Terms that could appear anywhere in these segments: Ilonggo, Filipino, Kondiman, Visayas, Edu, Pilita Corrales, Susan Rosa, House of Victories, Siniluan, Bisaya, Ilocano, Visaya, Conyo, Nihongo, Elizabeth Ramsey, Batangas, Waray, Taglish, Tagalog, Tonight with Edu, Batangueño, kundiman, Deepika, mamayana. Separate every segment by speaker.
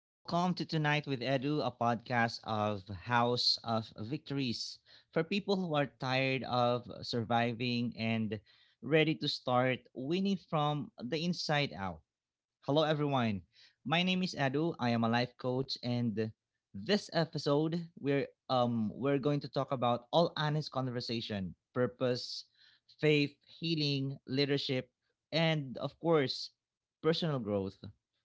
Speaker 1: Welcome to Tonight with Edu, a podcast of House of Victories for people who are tired of surviving and ready to start winning from the inside out. Hello, everyone. My name is Adu. I am a life coach, and this episode we're going to talk about all honest conversation, purpose, faith, healing, leadership, and of course, personal growth.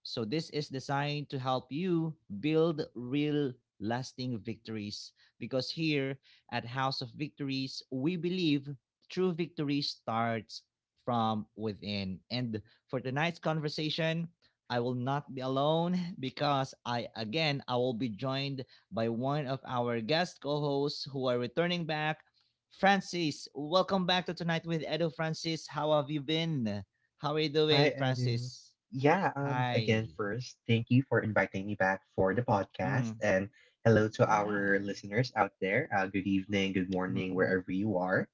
Speaker 1: So this is designed to help you build real lasting victories because here at House of Victories, we believe true victory starts from within. And for tonight's conversation, I will not be alone because I will be joined by one of our guest co-hosts who are returning back. Francis, welcome back to Tonight with Edo Francis. How have you been? How are you
Speaker 2: Hi,
Speaker 1: doing,
Speaker 2: Edu.
Speaker 1: Francis? Hi.
Speaker 2: First, thank you for inviting me back for the podcast.
Speaker 1: Mm,
Speaker 2: And hello to
Speaker 1: yeah.
Speaker 2: our listeners out there. Good evening, good
Speaker 1: Mm,
Speaker 2: morning,
Speaker 1: mm,
Speaker 2: wherever you are.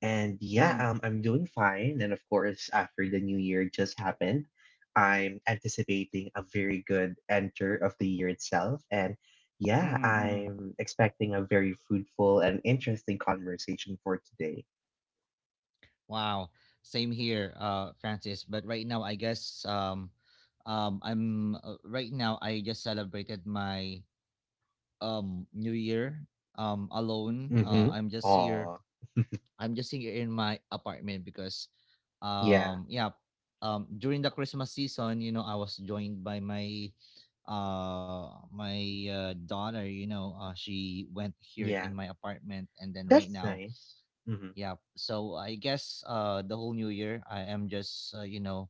Speaker 2: And
Speaker 1: mm, mm,
Speaker 2: I'm doing fine. And of course, after the new year just happened, I'm anticipating a very good enter of the year itself. And
Speaker 1: mm,
Speaker 2: yeah,
Speaker 1: mm, mm.
Speaker 2: I'm expecting a very fruitful and interesting conversation for today.
Speaker 1: Wow. Same here, Francis. But right now, I guess I'm right now. I just celebrated my New Year alone.
Speaker 2: Mm-hmm.
Speaker 1: I'm just here.
Speaker 2: Aw,
Speaker 1: I'm just here in my apartment because
Speaker 2: yeah,
Speaker 1: yeah, during the Christmas season, you know, I was joined by my uh my daughter, she went here
Speaker 2: yeah.
Speaker 1: in my apartment. And then right
Speaker 2: That's
Speaker 1: now,
Speaker 2: nice. Mhm.
Speaker 1: yeah, so I guess the whole new year I am just uh, you know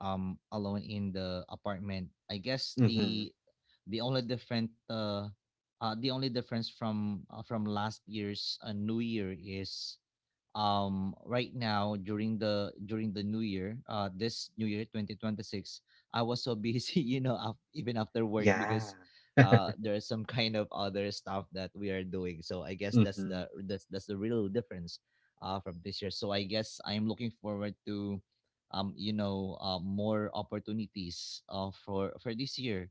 Speaker 1: um alone in the apartment. I guess
Speaker 2: Mhm.
Speaker 1: the only difference from last year's New Year is right now during the new year, this new year 2026, I was so busy you know even after work,
Speaker 2: Yeah.
Speaker 1: because there's some kind of other stuff that we are doing. So I guess
Speaker 2: Mhm.
Speaker 1: that's the real difference from this year. So I guess I'm looking forward to more opportunities for this year,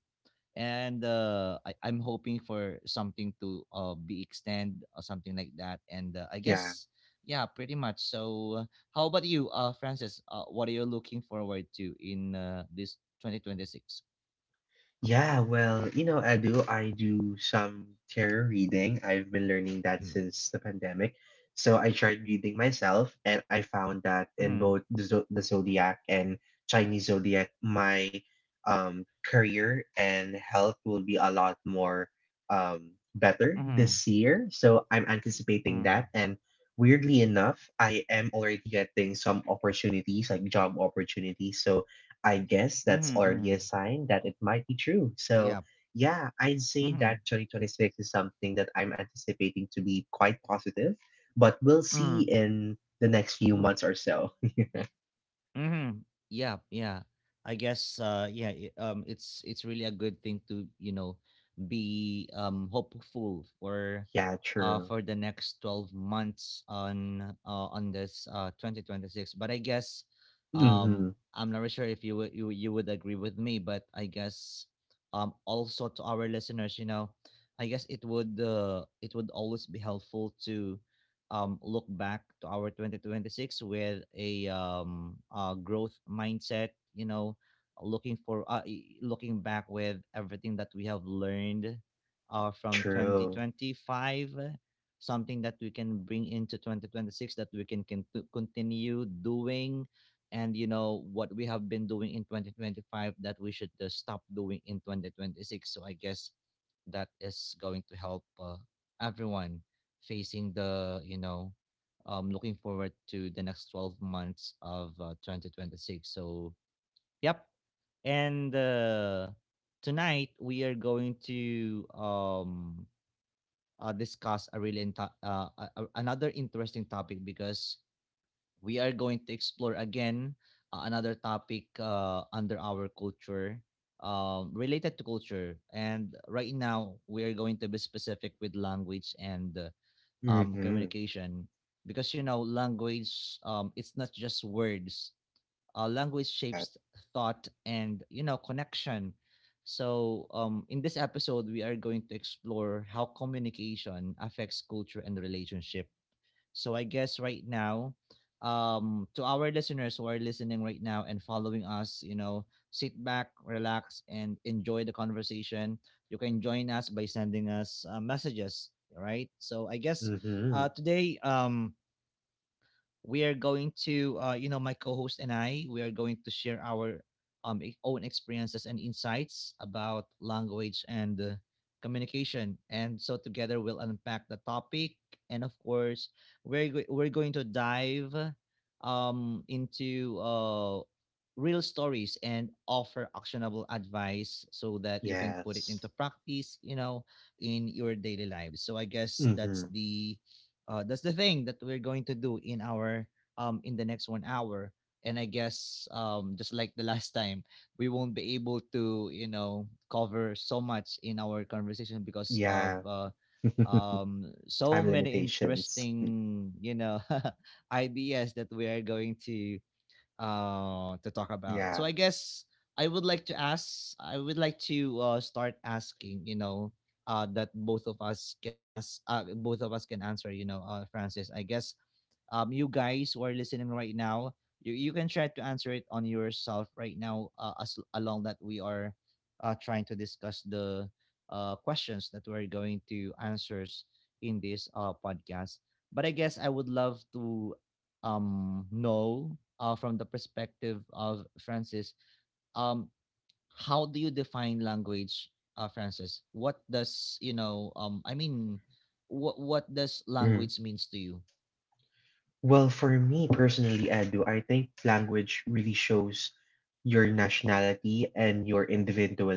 Speaker 1: and I'm hoping for something to be extend or something like that. And I
Speaker 2: Yeah.
Speaker 1: guess yeah, pretty much. So how about you, Francis? What are you looking forward to in this 2026?
Speaker 2: Yeah, well, you know, I do some tarot reading. I've been learning
Speaker 1: Mm-hmm.
Speaker 2: that since the pandemic. So I tried reading myself and I found that
Speaker 1: Mm-hmm.
Speaker 2: in both the zodiac and Chinese zodiac, my career and health will be a lot more better
Speaker 1: Mm-hmm.
Speaker 2: this year. So I'm anticipating
Speaker 1: Mm-hmm.
Speaker 2: that and weirdly enough, I am already getting some opportunities like job opportunities. So I guess that's
Speaker 1: Mm-hmm.
Speaker 2: already a sign that it might be true. So,
Speaker 1: Yeah.
Speaker 2: yeah, I'd say
Speaker 1: Mm-hmm.
Speaker 2: that 2026 is something that I'm anticipating to be quite positive, but we'll see in the next few months or so.
Speaker 1: Mhm. Yeah, yeah. I guess it's really a good thing to, you know, be hopeful
Speaker 2: Yeah, true.
Speaker 1: for the next 12 months on this 2026. But I guess um
Speaker 2: Mm-hmm.
Speaker 1: I'm not really sure if you would agree with me, but I guess also to our listeners, you know, I guess it would always be helpful to look back to our 2026 with a growth mindset, you know, looking for looking back with everything that we have learned from
Speaker 2: True.
Speaker 1: 2025, something that we can bring into 2026 that we can continue doing, and you know what we have been doing in 2025 that we should stop doing in 2026. So I guess that is going to help everyone facing the, you know, looking forward to the next 12 months of 2026. So yep. And tonight we are going to discuss a really another interesting topic because we are going to explore again another topic under our culture, related to culture. And right now we are going to be specific with language and
Speaker 2: Mm-hmm.
Speaker 1: communication, because you know language, it's not just words, language
Speaker 2: True that.
Speaker 1: shapes thought and, you know, connection. So in this episode we are going to explore how communication affects culture and relationship. So I guess right now, to our listeners who are listening right now and following us, you know, sit back, relax, and enjoy the conversation. You can join us by sending us messages. All right. So I guess
Speaker 2: Mm-hmm.
Speaker 1: today, we are going to you know, my co-host and I, we are going to share our own experiences and insights about language and communication. And so together we'll unpack the topic, and of course we're going to dive into real stories and offer actionable advice so that you can put it into
Speaker 2: Yes.
Speaker 1: practice, you know, in your daily lives. So I guess
Speaker 2: Mm-hmm.
Speaker 1: that's the thing that we're going to do in our in the next 1 hour. And I guess just like the last time, we won't be able to, you know, cover so much in our conversation because of
Speaker 2: Yeah. Time
Speaker 1: so many
Speaker 2: limitations.
Speaker 1: interesting, you know, ideas that we are going to talk about. So
Speaker 2: Yeah.
Speaker 1: I guess I would like to ask, I would like to start asking, you know, that both of us can ask, both of us can answer, you know, Francis. I guess you guys who are listening right now, you can try to answer it on yourself right now as along that we are trying to discuss the questions that we're going to answers in this podcast. But I guess I would love to know from the perspective of Francis, um, how do you define language, Francis? What does you know? I mean, what does language means to you?
Speaker 2: Well, for me personally, Edu, I think language really shows your nationality and your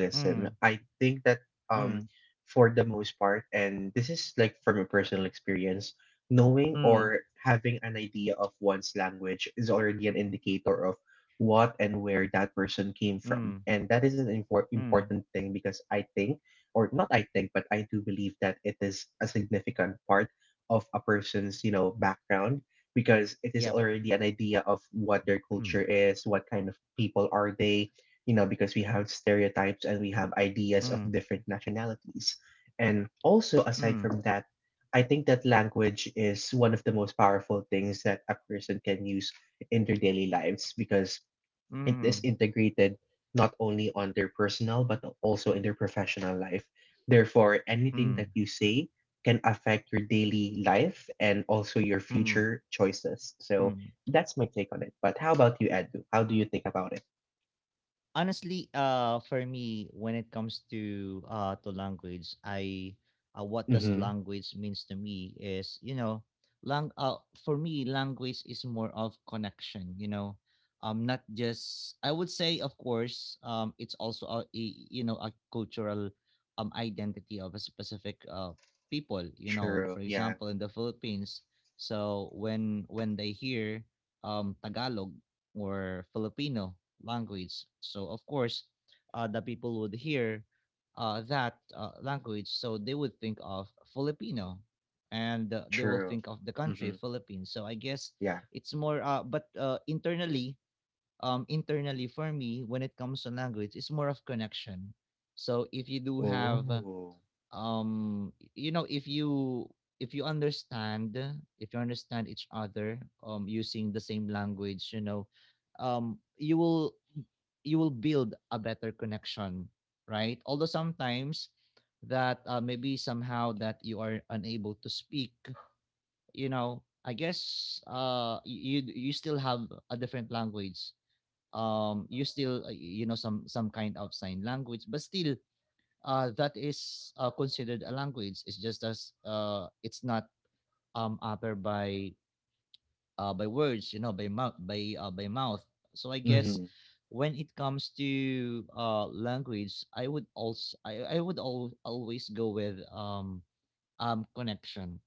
Speaker 1: Mm,
Speaker 2: I think that
Speaker 1: mm.
Speaker 2: for the most part, and this is like from a personal experience, knowing
Speaker 1: Mm,
Speaker 2: or having an idea of one's language is already an indicator of what and where that person came from.
Speaker 1: mm,
Speaker 2: And that is an
Speaker 1: mm.
Speaker 2: important thing because I think, or not I think, but I do believe that it is a significant part of a person's, you know, background because it is
Speaker 1: Yep.
Speaker 2: already an idea of what their culture is, what kind of people are they, you know, because we have stereotypes and we have ideas of
Speaker 1: Mm,
Speaker 2: different nationalities. And also, aside
Speaker 1: mm,
Speaker 2: from that, I think that language is one of the most powerful things that a person can use in their daily lives because
Speaker 1: mm,
Speaker 2: it is
Speaker 1: mm,
Speaker 2: integrated not only on their personal but also in their professional life. Therefore, anything
Speaker 1: mm,
Speaker 2: that you say can affect your daily life and also your
Speaker 1: mm, mm,
Speaker 2: future choices. So
Speaker 1: mm.
Speaker 2: that's my take on it. But how about you, Edu? How do you think about it?
Speaker 1: Honestly, for me, when it comes to language, I, what does
Speaker 2: Mm-hmm.
Speaker 1: language means to me is, you know, lang for me language is more of connection. You know, not just, I would say, of course, it's also a, you know, a cultural identity of a specific people. You know,
Speaker 2: True.
Speaker 1: for
Speaker 2: Yeah.
Speaker 1: example, in the Philippines, so when they hear Tagalog or Filipino language. So of course, the people would hear that language, so they would think of Filipino, and they will
Speaker 2: True.
Speaker 1: think of the country
Speaker 2: Mm-hmm.
Speaker 1: Philippines. So I guess
Speaker 2: Yeah.
Speaker 1: it's more, but internally, internally for me, when it comes to language, it's more of connection. So if you do have
Speaker 2: Oh.
Speaker 1: um you know if you if you understand, each other using the same language, you know, you will, you will build a better connection, right? Although sometimes that maybe somehow that you are unable to speak, you know, I guess you, you still have a different language, you still, you know, some kind of sign language, but still, that is considered a language. It's just as, it's not uttered by words, you know, by mouth, by mouth. So I
Speaker 2: Mm-hmm.
Speaker 1: guess when it comes to language, I would also I would always go with connection.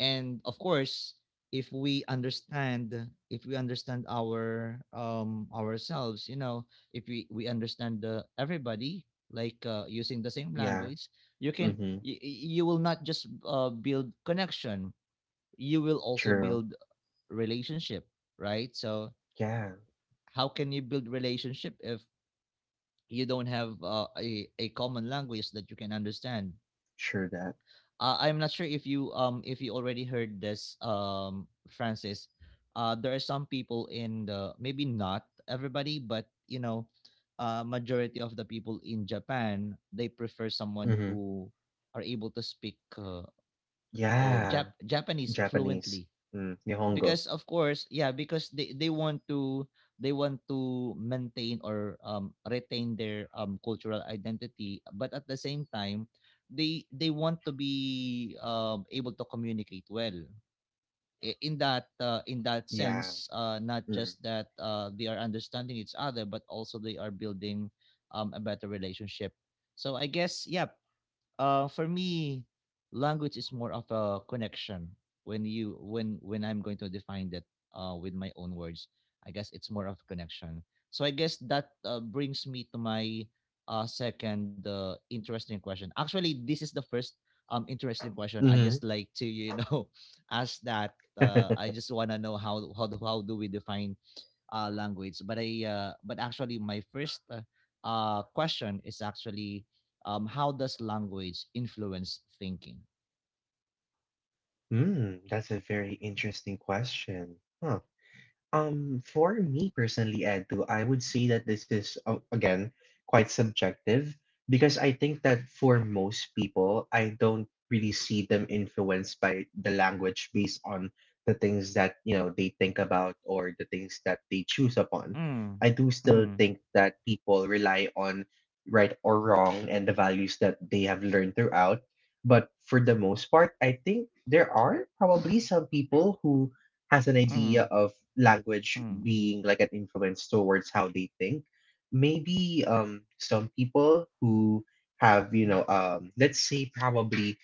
Speaker 1: And of course, if we understand, if we understand our ourselves, you know, if we understand the everybody, like, using the same
Speaker 2: Yeah.
Speaker 1: language, you can
Speaker 2: Mm-hmm.
Speaker 1: you will not just build connection, you will also
Speaker 2: True.
Speaker 1: build relationship, right? So
Speaker 2: Yeah.
Speaker 1: how can you build relationship if you don't have a common language that you can understand?
Speaker 2: Sure that.
Speaker 1: Uh, I'm not sure if you, if you already heard this, Francis. There are some people in the, maybe not everybody, but, you know, majority of the people in Japan they prefer someone
Speaker 2: Mm-hmm.
Speaker 1: who are able to speak, or
Speaker 2: Yeah.
Speaker 1: Japanese
Speaker 2: Japanese.
Speaker 1: fluently,
Speaker 2: Mm. Nihongo.
Speaker 1: because of course, yeah, because they want to, they want to maintain or, retain their cultural identity, but at the same time they want to be able to communicate well in that
Speaker 2: Yeah.
Speaker 1: sense, not
Speaker 2: Mm.
Speaker 1: just that they are understanding each other, but also they are building a better relationship. So I guess, yeah, for me, language is more of a connection. When you when I'm going to define that with my own words, I guess it's more of a connection. So I guess that brings me to my second interesting question. Actually, this is the first interesting question. I
Speaker 2: Mhm.
Speaker 1: just like to, you know, ask that. I just wanna know how do we define language. But I, but actually my first question is actually, how does language influence thinking?
Speaker 2: Mm, that's a very interesting question. Huh. For me personally, Edu, I would say that this is again quite subjective because I think that for most people, I don't really see them influenced by the language based on the things that you know they think about or the things that they choose upon.
Speaker 1: Mm.
Speaker 2: I do still
Speaker 1: Mm.
Speaker 2: think that people rely on right or wrong and the values that they have learned throughout. But for the most part, I think there are probably some people who has an idea
Speaker 1: Mm.
Speaker 2: of language
Speaker 1: Mm.
Speaker 2: being like an influence towards how they think. Maybe some people who have, you know, let's say probably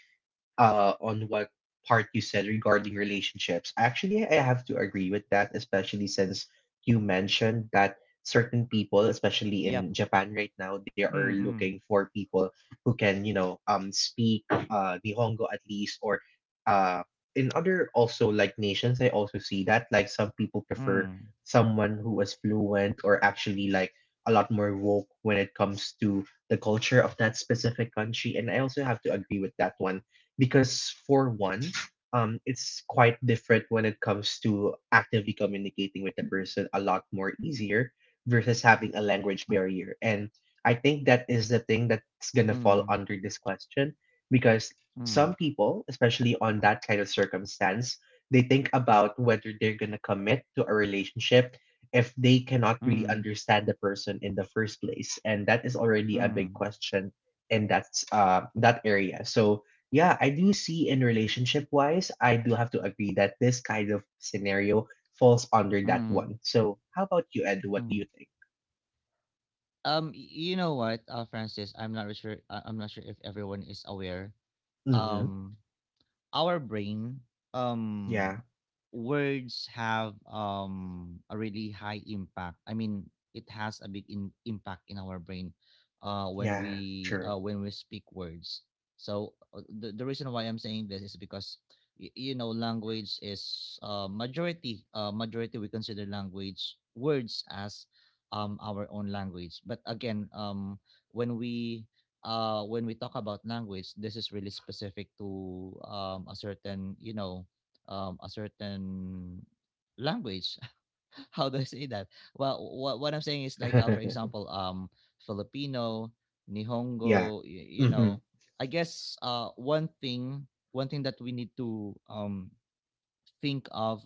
Speaker 2: on what part you said regarding relationships. Actually, I have to agree with that, especially since you mentioned that certain people, especially
Speaker 1: Yep.
Speaker 2: in Japan right now, they are
Speaker 1: Mm. Mm.
Speaker 2: looking for people who can, you know, speak Nihongo at least, or uh, in other also like nations, I also see that like some people prefer someone who is fluent or actually like a lot more woke when it comes to the culture of that specific country, and I also have to agree with that one because for one, it's quite different when it comes to actively communicating with the person a lot more easier versus having a language barrier. And I think that is the thing that's
Speaker 1: Mm.
Speaker 2: gonna fall
Speaker 1: Mm.
Speaker 2: under this question because
Speaker 1: Mm.
Speaker 2: some people, especially on that kind of circumstance, they think about whether they're gonna commit to a relationship if they cannot really
Speaker 1: Mm.
Speaker 2: understand the person in the first place. And that is already a big
Speaker 1: Mm.
Speaker 2: question in that area. So yeah, I do see in relationship wise, I do have to agree that this kind of scenario falls under that
Speaker 1: Mm.
Speaker 2: one. So, how about you, Ed? What do
Speaker 1: Mm.
Speaker 2: you think?
Speaker 1: You know what, Francis? I'm not really sure. I'm not sure if everyone is aware.
Speaker 2: Mm-hmm.
Speaker 1: Um, our brain, um
Speaker 2: Yeah.
Speaker 1: words have a really high impact. I mean, it has a big impact in our brain
Speaker 2: Yeah. True.
Speaker 1: when we speak words. So, the reason why I'm saying this is because, language is majority, we consider language words as our own language. But again, when we, when we talk about language, this is really specific to a certain, a certain language. How do I say that? Well, what I'm saying is like, for example, Filipino,
Speaker 2: yeah.
Speaker 1: Nihongo, you, you
Speaker 2: Mm-hmm.
Speaker 1: know, I guess one thing that we need to think of,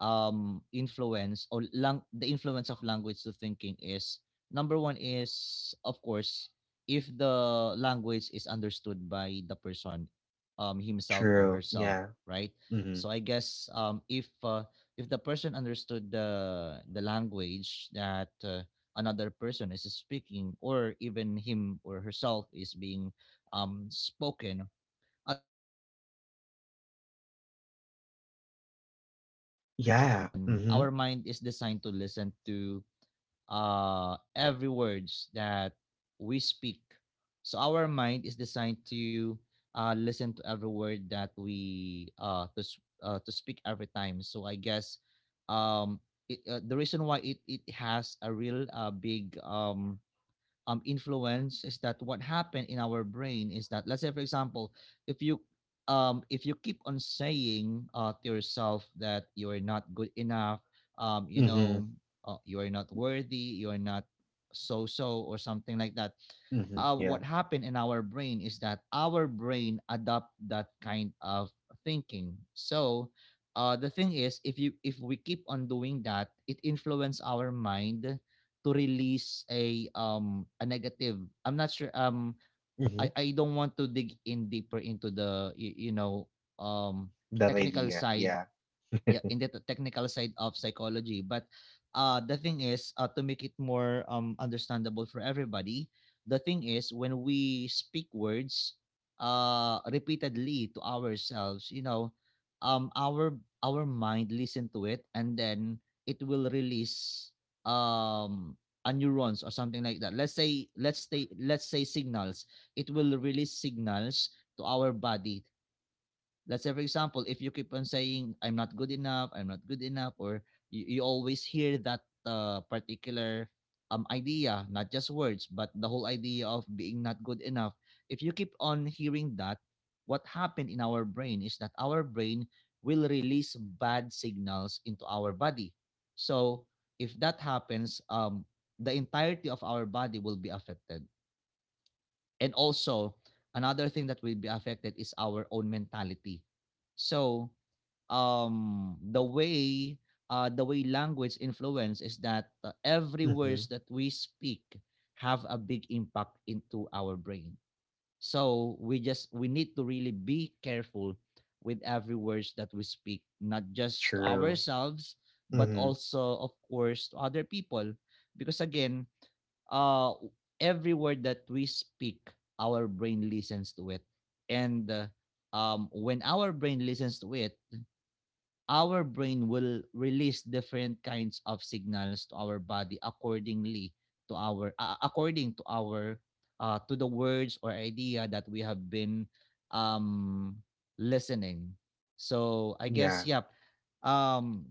Speaker 1: the influence of language to thinking, is number one is, of course, if the language is understood by the person, himself or
Speaker 2: True.
Speaker 1: herself,
Speaker 2: Yeah.
Speaker 1: right?
Speaker 2: Mm-hmm.
Speaker 1: So I guess, if the person understood the language that, another person is speaking, or even him or herself is being spoken, the thing is, our mind is designed to,
Speaker 2: Yeah.
Speaker 1: listen.
Speaker 2: Mm-hmm.
Speaker 1: Our mind is designed to listen to every words that we speak. So our mind is designed to listen to every word that we to speak every time. So I guess, um the reason why it has a real, big, influence is that what happened in our brain is that, let's say for example, if you keep on saying, to yourself, that you are not good enough, um, you
Speaker 2: Mm-hmm.
Speaker 1: know you are not worthy, you are not, or something like that.
Speaker 2: Mm-hmm. Yeah.
Speaker 1: What happened in our brain is that our brain adopt that kind of thinking. So, the thing is, if we keep on doing that, it influences our mind to release a, a negative. I'm not sure. I
Speaker 2: Mm-hmm.
Speaker 1: i don't want to dig in deeper into the, um
Speaker 2: That
Speaker 1: technical
Speaker 2: idea.
Speaker 1: side.
Speaker 2: Yeah.
Speaker 1: Yeah, in the technical side of psychology, but, the thing is, to make it more understandable for everybody. The thing is, when we speak words repeatedly to ourselves, um our our mind listen to it, and then it will release, um a neurons or something like that. Let's say signals, it will release signals to our body. Let's say for example, if you keep on saying, I'm not good enough, I'm not good enough, or you always hear that, particular, idea, not just words but the whole idea of being not good enough. If you keep on hearing that, what happened in our brain is that our brain will release bad signals into our body. So, if that happens, the entirety of our body will be affected. And also, another thing that will be affected is our own mentality. So, um the way the way language influence is that, every words
Speaker 2: Mm-hmm.
Speaker 1: that we speak have a big impact into our brain. So, we need to really be careful with every words that we speak, not just to
Speaker 2: True.
Speaker 1: ourselves, but
Speaker 2: Mm-hmm.
Speaker 1: also, of course, to other people. Because again, uh, every word that we speak, our brain listens to it. And when our brain listens to it, our brain will release different kinds of signals to our body accordingly to our, according to our, to the words or idea that we have been, um, listening. So I guess, yeah.
Speaker 2: Yeah.
Speaker 1: Um,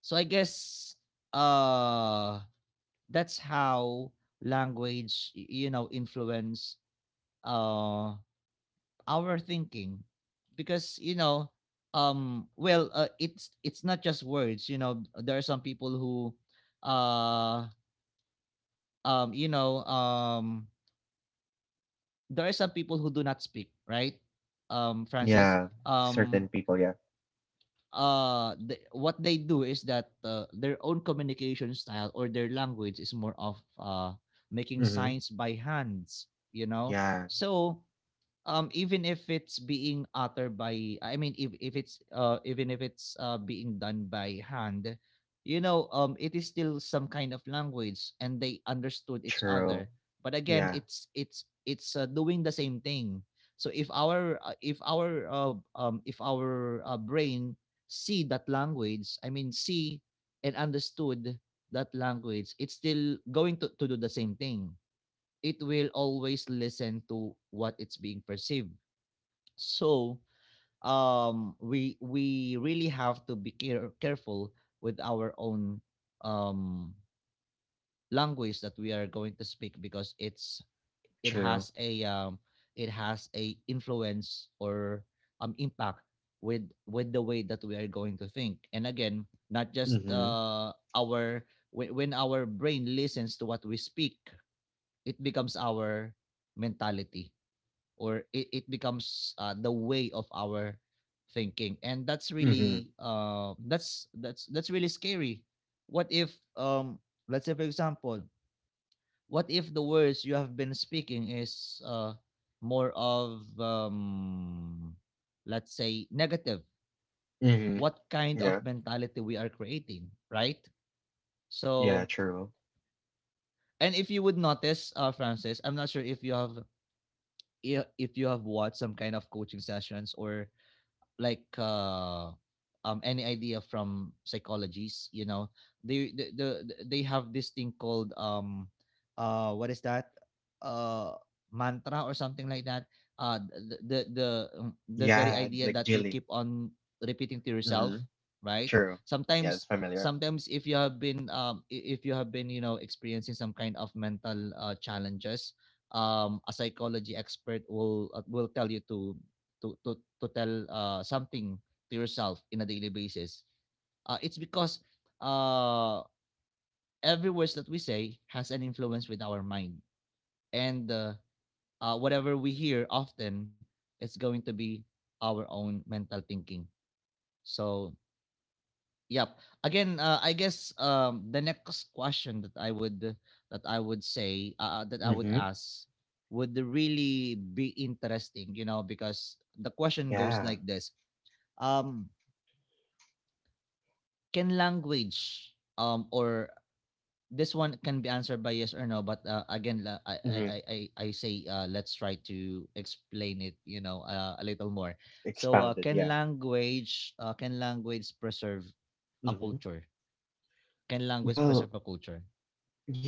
Speaker 1: so I guess, uh, that's how language, influence uh our thinking, because, well, it's not just words. There are some people who, uh um you know um there are some people who do not speak right, Francis.
Speaker 2: Yeah.
Speaker 1: um
Speaker 2: Certain people. Yeah.
Speaker 1: what they do is that, their own communication style, or their language, is more of, making
Speaker 2: Mm-hmm.
Speaker 1: signs by hands, you know
Speaker 2: Yeah.
Speaker 1: so, even if it's being uttered by, I mean, if it's, even if it's, being done by hand, it is still some kind of language, and they understood each
Speaker 2: True.
Speaker 1: other. But again,
Speaker 2: Yeah.
Speaker 1: it's doing the same thing. So, if our brain see that language, I mean, see and understood that language, it's still going to do the same thing. It will always listen to what it's being perceived. So, we really have to be careful with our own, um, language that we are going to speak, because it's, it
Speaker 2: True.
Speaker 1: has a, influence or, impact with the way that we are going to think. And again, not just
Speaker 2: Mm-hmm.
Speaker 1: when our brain listens to what we speak, it becomes our mentality, or it becomes, the way of our thinking. And that's
Speaker 2: Mm-hmm.
Speaker 1: really, that's really scary. What if, let's say for example, what if the words you have been speaking is, more of, let's say, negative?
Speaker 2: Hmm.
Speaker 1: What kind of
Speaker 2: Yeah.
Speaker 1: mentality we are creating, right?
Speaker 2: Yeah,
Speaker 1: So,
Speaker 2: true.
Speaker 1: and if you would notice, Francis, I'm not sure if you have, if you have watched some kind of coaching sessions, or like, any idea from psychologies. They the- they have this thing called, what is that, uh mantra or something like that. Uh the the the, um, the very
Speaker 2: Yeah,
Speaker 1: idea
Speaker 2: like
Speaker 1: that you
Speaker 2: Jilly.
Speaker 1: keep on repeating to yourself,
Speaker 2: Mm-hmm.
Speaker 1: right?
Speaker 2: True. Yeah, it's
Speaker 1: sometimes
Speaker 2: familiar.
Speaker 1: sometimes if you have been, if you have been, experiencing some kind of mental, challenges, a psychology expert will, tell you to tell, something to yourself, in a daily basis. It's because, uh, every words that we say has an influence with our mind. And, whatever we hear often, it's going to be our own mental thinking. So, yep. Again, I guess, the next question that I would
Speaker 2: Mm-hmm.
Speaker 1: ask, would really be interesting, because the question goes
Speaker 2: Yeah.
Speaker 1: like this: um can language, or, this one can be answered by yes or no, but, again, I, I i
Speaker 2: Mm-hmm.
Speaker 1: i I say, let's try to explain it, a little more. So,
Speaker 2: Expounded, yeah.
Speaker 1: can language preserve a
Speaker 2: Mm-hmm.
Speaker 1: culture? Can language
Speaker 2: Well,
Speaker 1: preserve a culture?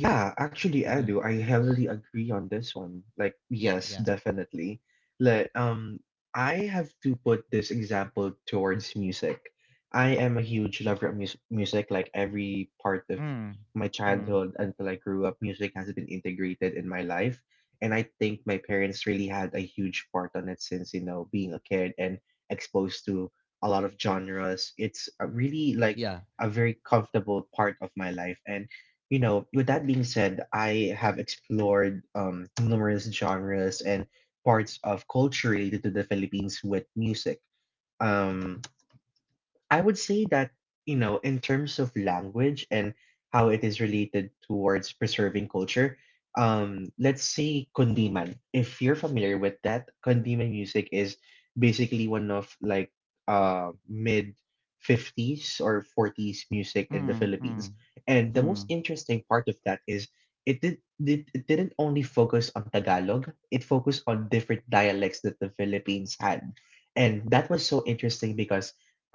Speaker 2: yeah, actually, I do. I heavily agree on this one. Like,
Speaker 1: Yeah,
Speaker 2: yes,
Speaker 1: yeah.
Speaker 2: definitely. Like, I have to put this example towards music. I am a huge lover of music. Like every part of
Speaker 1: Mm.
Speaker 2: my
Speaker 1: Mm.
Speaker 2: childhood until I grew up, music has been integrated in my life, and I think my parents really had a huge part on it since, you know, being a kid and exposed to a lot of genres. It's a really like
Speaker 1: Yeah.
Speaker 2: a very comfortable part of my life, and you know, with that being said, I have explored numerous genres and parts of culture related to the Philippines with music. Um, I would say that, you know, in terms of language and how it is related towards preserving culture, let's say kundiman. If you're familiar with that, kundiman music is basically one of like mid 50s or 40s music in the
Speaker 1: Mm. Mm.
Speaker 2: Philippines. And the most
Speaker 1: Mm.
Speaker 2: interesting part of that is it didn't only focus on Tagalog, it focused on different dialects that the Philippines had. And that was so interesting because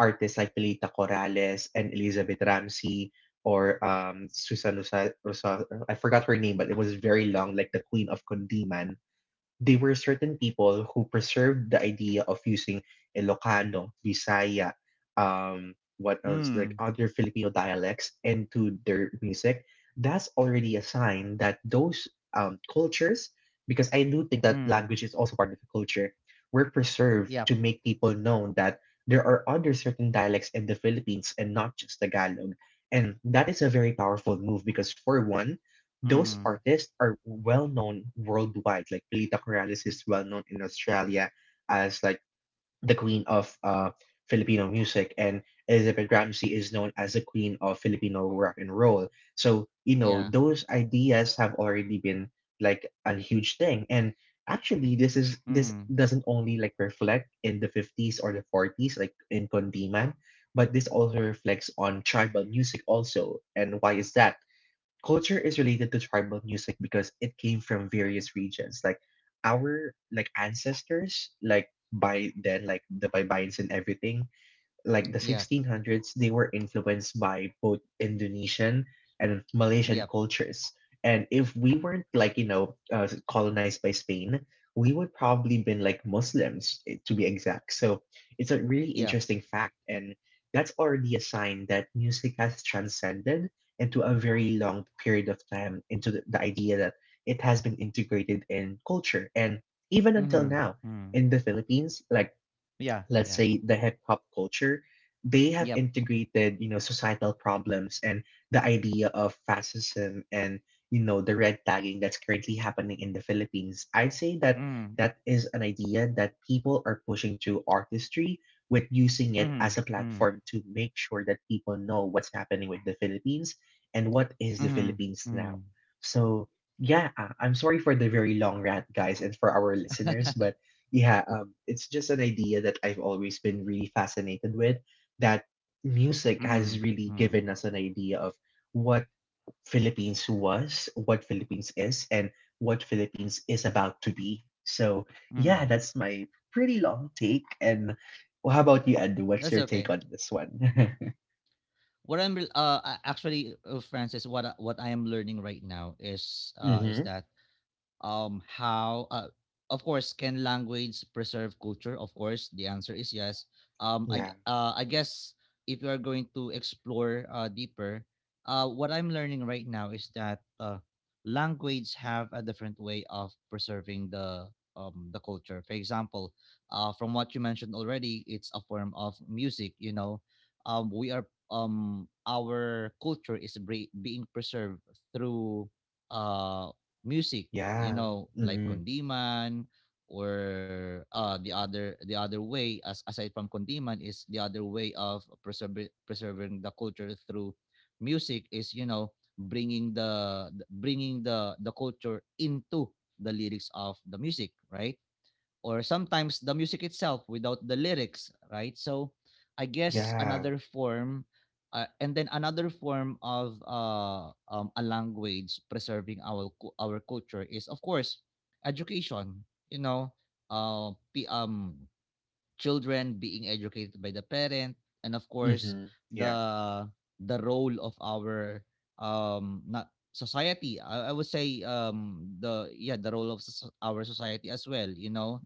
Speaker 2: artists like Pilita Corrales and Elizabeth Ramsey or Susan Rosa, I forgot her name, but it was very long, like the Queen of Kundiman. They were certain people who preserved the idea of using Ilocano, Visaya, what else, like
Speaker 1: Mm.
Speaker 2: other Filipino dialects into their music. That's already a sign that those cultures, because I do think that
Speaker 1: Mm.
Speaker 2: language is also part of the culture, were preserved
Speaker 1: Yep.
Speaker 2: to make people know that there are other certain dialects in the Philippines and not just Tagalog. And that is a very powerful move because, for one, those
Speaker 1: Mm.
Speaker 2: artists are well known worldwide. Like Pilita Corrales is well known in Australia as like the queen of Filipino music, and Elizabeth Ramsey is known as the queen of Filipino rock and roll. So you know
Speaker 1: Yeah.
Speaker 2: those ideas have already been like a huge thing, and actually this
Speaker 1: Mm.
Speaker 2: doesn't only like reflect in the 50s or the 40s like in Kondiman, but this also reflects on tribal music also, and why is that culture is related to tribal music because it came from various regions like our like ancestors like by then like the baybayans and everything like the
Speaker 1: Yep.
Speaker 2: 1600s, they were influenced by both Indonesian and Malaysian
Speaker 1: Yep.
Speaker 2: cultures. And if we weren't like, you know, colonized by Spain, we would probably been like Muslims eh, to be exact. So it's a really
Speaker 1: Yep.
Speaker 2: interesting fact. And that's already a sign that music has transcended into a very long period of time into the idea that it has been integrated in culture. And even until
Speaker 1: Mm.
Speaker 2: now,
Speaker 1: Mm.
Speaker 2: in the Philippines, like
Speaker 1: Yeah.
Speaker 2: let's
Speaker 1: Yeah.
Speaker 2: say the hip hop culture, they have
Speaker 1: Yep.
Speaker 2: integrated, you know, societal problems and the idea of fascism and, you know, the red tagging that's currently happening in the Philippines. I'd say that
Speaker 1: Mm.
Speaker 2: that is an idea that people are pushing through artistry with using it
Speaker 1: Mhm.
Speaker 2: as a
Speaker 1: Mm.
Speaker 2: platform to make sure that people know what's happening with the Philippines and what is the
Speaker 1: Mhm.
Speaker 2: Philippines now.
Speaker 1: Mm.
Speaker 2: So, yeah, I'm sorry for the very long rant, guys, and for our listeners, but yeah, it's just an idea that I've always been really fascinated with that music has
Speaker 1: Mm.
Speaker 2: really
Speaker 1: Mm.
Speaker 2: given us an idea of what Philippines was, what Philippines is, and what Philippines is about to be. So yeah,
Speaker 1: Mm.
Speaker 2: that's my pretty long take. And well, how about you, Ed? What's
Speaker 1: That's
Speaker 2: your take
Speaker 1: okay.
Speaker 2: on this one?
Speaker 1: What I'm re- a- Actually, Francis, what I am learning right now is,
Speaker 2: mm-hmm.
Speaker 1: is that, how, of course, can language preserve culture? Of course the answer is yes.
Speaker 2: Yeah.
Speaker 1: I guess, if you are going to explore, deeper, what I'm learning right now is that, language have a different way of preserving the, culture. For example, from what you mentioned already, it's a form of music. We are our culture is, being preserved through, uh music,
Speaker 2: Yeah.
Speaker 1: you know, like
Speaker 2: Mm-hmm.
Speaker 1: Kondiman. Or, the other way, as aside from Kondiman, is the other way of preserving the culture through music, is bringing the culture into the lyrics of the music, right? Or sometimes the music itself without the lyrics, right? So I guess
Speaker 2: Yeah.
Speaker 1: another form, and then another form of, a language preserving our our culture is, of course, education. You know, uh, p- um, children being educated by the parent, and of course
Speaker 2: Mm-hmm. Yeah.
Speaker 1: the the role of our, not society. I would say, the yeah, the role of our society as well. You know,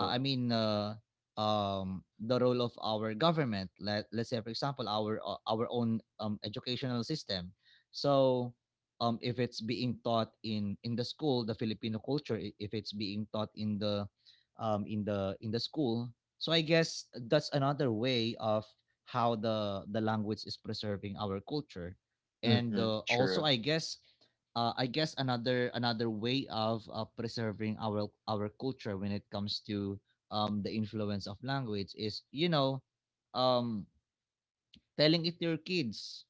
Speaker 1: I mean, the role of our government. Let's say for example, our, our own, educational system. So, if it's being taught in the school, the Filipino culture, if it's being taught in the, in the school, so I guess that's another way of how the language is preserving our culture. And,
Speaker 2: Mm-hmm.
Speaker 1: also
Speaker 2: True.
Speaker 1: I guess, another way of, preserving our culture when it comes to, the influence of language, is, um, telling it to your kids,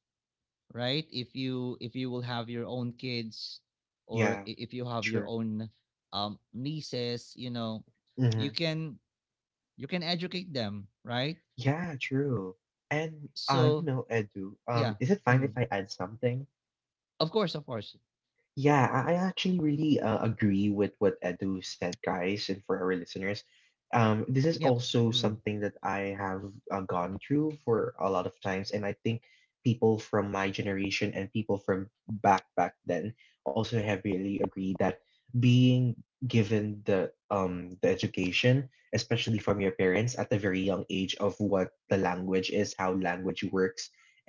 Speaker 1: right? If you, will have your own kids, or,
Speaker 2: Yeah.
Speaker 1: if you have your
Speaker 2: True.
Speaker 1: own, nieces, you know,
Speaker 2: Mm-hmm.
Speaker 1: you can you can educate them, right?
Speaker 2: Yeah. True. And you
Speaker 1: So
Speaker 2: know, Edu,
Speaker 1: yeah.
Speaker 2: is it fine if
Speaker 1: Mm.
Speaker 2: I add something?
Speaker 1: Of course, of course.
Speaker 2: Yeah, I actually really agree with what Edu said, guys, and for our listeners. This is
Speaker 1: Yep.
Speaker 2: also
Speaker 1: Mm.
Speaker 2: something that I have gone through for a lot of times, and I think people from my generation and people from back then also have really agreed that being given the the education, especially from your parents at a very young age of what the language is, how language works,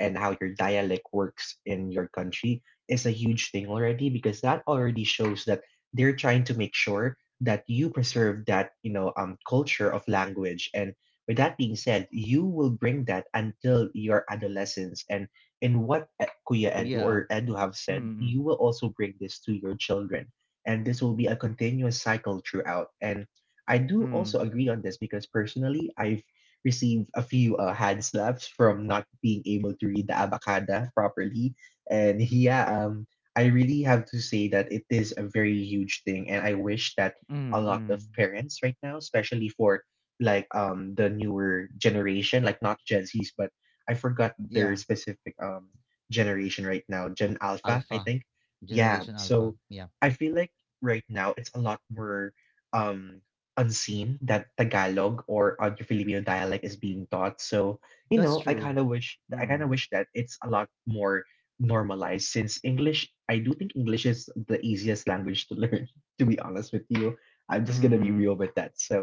Speaker 2: and how your dialect works in your country is a huge thing already because that already shows that they're trying to make sure that you preserve that culture of language, and with that being said, you will bring that until your adolescence, and in what kuya Edu
Speaker 1: Yeah.
Speaker 2: or Edu have said, you
Speaker 1: Mm-mm.
Speaker 2: will also bring this to your children, and this will be a continuous cycle throughout. And I do
Speaker 1: Mm.
Speaker 2: also agree on this because personally, I've received a few hand slaps from not being able to read the abacada properly. And yeah, I really have to say that it is a very huge thing, and I wish that
Speaker 1: Mm,
Speaker 2: a
Speaker 1: mm,
Speaker 2: lot
Speaker 1: mm.
Speaker 2: of parents right now, especially for like the newer generation, like not Gen Zs, but I forgot
Speaker 1: Yeah.
Speaker 2: their specific generation right now, Gen Alpha, I
Speaker 1: Alpha,
Speaker 2: think. Yeah,
Speaker 1: generation alpha.
Speaker 2: so
Speaker 1: Yeah,
Speaker 2: I feel like right now it's a lot more um unseen that Tagalog or other Filipino dialect is being taught. So,
Speaker 1: that's true.
Speaker 2: I
Speaker 1: Mm.
Speaker 2: kind of wish that it's a lot more normalized, since English, I do think English is the easiest language to learn, to be honest with you. I'm just gonna be real
Speaker 1: Mm-mm.
Speaker 2: with that. So,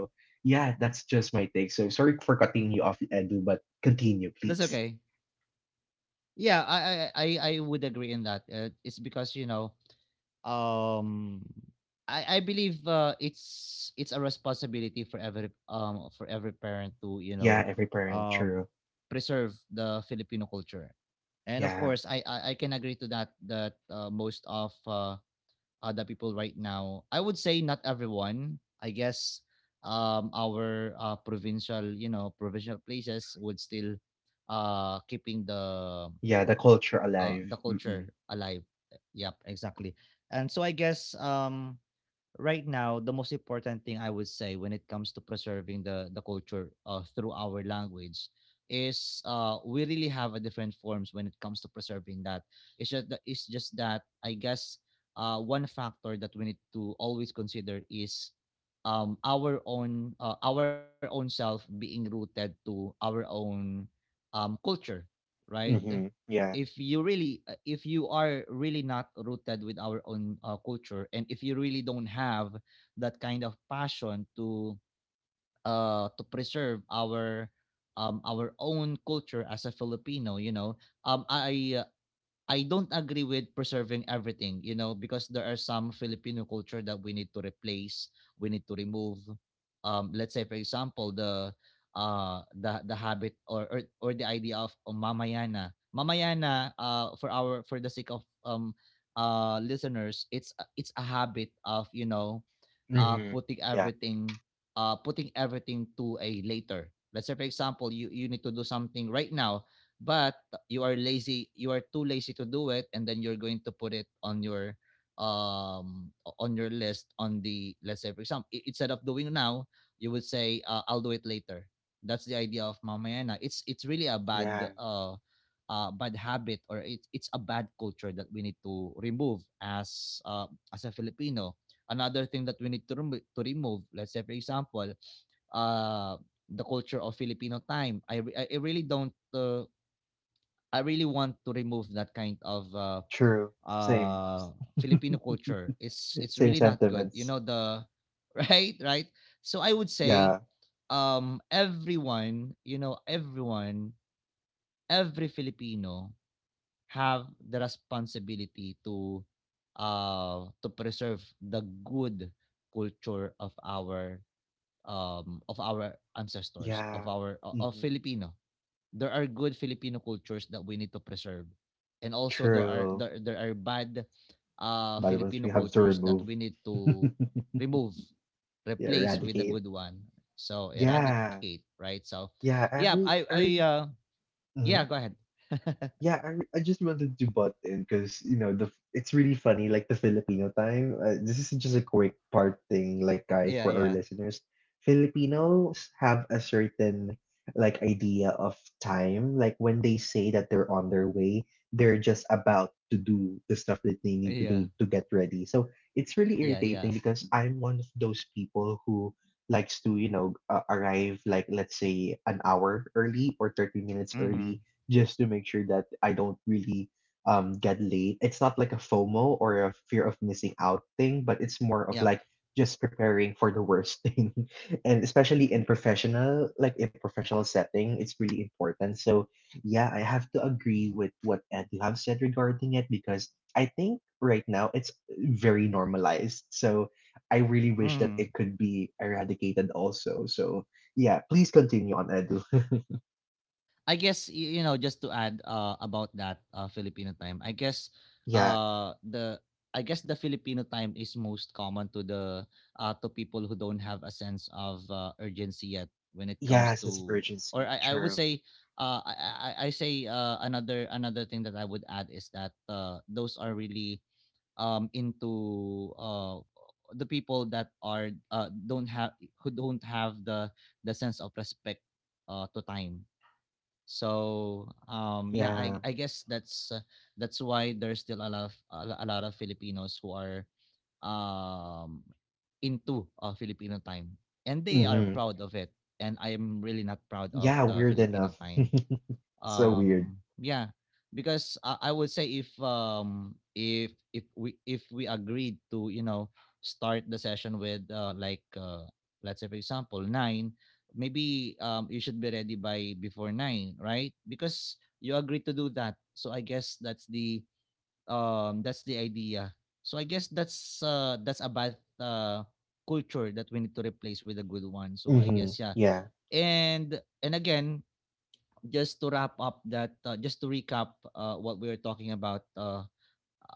Speaker 2: yeah, that's just my take. So, sorry for cutting you off, Edu, but continue, please.
Speaker 1: That's okay. Yeah, I would agree in that. It's because you know, um I believe it's a responsibility for every parent to
Speaker 2: Yeah, every parent,
Speaker 1: um
Speaker 2: true.
Speaker 1: preserve the Filipino culture, and of
Speaker 2: Yeah,
Speaker 1: course I can agree to that that most of other people right now. I would say not everyone, I guess our provincial you know provincial places would still keeping
Speaker 2: yeah, the culture alive.
Speaker 1: the
Speaker 2: Mm-mm.
Speaker 1: culture alive. Yep, exactly. And so I guess, right now the most important thing I would say when it comes to preserving the culture through our language is, we really have a different forms when it comes to preserving that. It's just that, I guess one factor that we need to always consider is, our own self being rooted to our own culture, right?
Speaker 2: Mm-hmm. Yeah.
Speaker 1: If you really if you are really not rooted with our own culture, and if you really don't have that kind of passion to preserve our own culture as a Filipino, um i I don't agree with preserving everything, you know, because there are some Filipino culture that we need to replace, we need to remove. Let's say, for example, the the habit, or the idea of mamayana. Mamayana, for our for the sake of listeners, it's a habit of, you know,
Speaker 2: Mm-hmm.
Speaker 1: putting
Speaker 2: Yeah.
Speaker 1: everything, putting everything to a later. Let's say for example, you need to do something right now, but you are lazy, you are too lazy to do it, and then you're going to put it um on your list on the. Let's say for example, instead of doing now, you would say, I'll do it later. That's the idea of mamaya na. It's really a bad
Speaker 2: Yeah.
Speaker 1: bad habit, or it's a bad culture that we need to remove as a Filipino. Another thing that we need to remove, let's say for example, uh, the culture of Filipino time. I really don't, I really want to remove that kind of,
Speaker 2: True. Same.
Speaker 1: Filipino culture. It's
Speaker 2: S-
Speaker 1: it's
Speaker 2: Same
Speaker 1: really not good. You know
Speaker 2: sentiments.
Speaker 1: the right, right? So I would say,
Speaker 2: Yeah.
Speaker 1: everyone, you know, everyone, every Filipino have the responsibility to preserve the good culture of our ancestors,
Speaker 2: Yeah.
Speaker 1: of of
Speaker 2: Mm-hmm.
Speaker 1: Filipino. There are good Filipino cultures that we need to preserve, and also there are
Speaker 2: True.
Speaker 1: there are bad
Speaker 2: But once we
Speaker 1: Filipino
Speaker 2: have to
Speaker 1: cultures that
Speaker 2: remove,
Speaker 1: we need
Speaker 2: yeah,
Speaker 1: to remove, replace with a
Speaker 2: eradicate.
Speaker 1: good one. So eradicate,
Speaker 2: Yeah.
Speaker 1: right? So
Speaker 2: Yeah.
Speaker 1: yeah,
Speaker 2: I re-
Speaker 1: I
Speaker 2: I really.
Speaker 1: yeah, go ahead.
Speaker 2: Yeah, I just wanted to butt in because you know the it's really funny like the Filipino time. This is just a quick part thing, like guys,
Speaker 1: Yeah,
Speaker 2: for our
Speaker 1: yeah,
Speaker 2: listeners. Filipinos have a certain like idea of time. Like when they say that they're on their way, they're just about to do the stuff that they need to
Speaker 1: yeah,
Speaker 2: do to get ready. So it's really
Speaker 1: yeah, yeah.
Speaker 2: irritating because I'm one of those people who likes to arrive like let's say an hour early or 30 minutes
Speaker 1: Mm-hmm.
Speaker 2: early just to make sure that I don't really get late. It's not like a FOMO or a fear of missing out thing, but it's more of
Speaker 1: Yep.
Speaker 2: like just preparing for the worst thing. And especially in professional, like a professional setting, it's really important. So yeah, I have to agree with what Ed you have said regarding it because I think right now it's very normalized. So I really wish that it could be eradicated also. So yeah, please continue on, Ed.
Speaker 1: I guess, you know, just to add about that Filipino time. I guess
Speaker 2: Yeah.
Speaker 1: the I guess the Filipino time is most common to the to people who don't have a sense of urgency yet when it
Speaker 2: Yeah,
Speaker 1: comes
Speaker 2: sense of
Speaker 1: to,
Speaker 2: urgency.
Speaker 1: or I would
Speaker 2: True.
Speaker 1: say, I say, another thing that I would add is that those are really into the people that are don't have who don't have the sense of respect to time. So yeah,
Speaker 2: Yeah.
Speaker 1: I guess that's why there's still a lot of a lot of Filipinos who are um into Filipino time, and they are
Speaker 2: Hmm.
Speaker 1: proud of it, and I am really not proud of
Speaker 2: Yeah,
Speaker 1: the
Speaker 2: weird
Speaker 1: Filipino
Speaker 2: enough.
Speaker 1: time.
Speaker 2: So weird.
Speaker 1: Yeah, because I would say if we if we agreed to, you know, start the session with, let's say for example 9:00, maybe you should be ready by before 9:00, right? Because you agreed to do that, so I guess that's the, that's the idea. So I guess that's a bad culture that we need to replace with a good one, so I
Speaker 2: Hmm.
Speaker 1: guess yeah.
Speaker 2: Yeah.
Speaker 1: And again, just to wrap up that, just to recap what we were talking about, uh,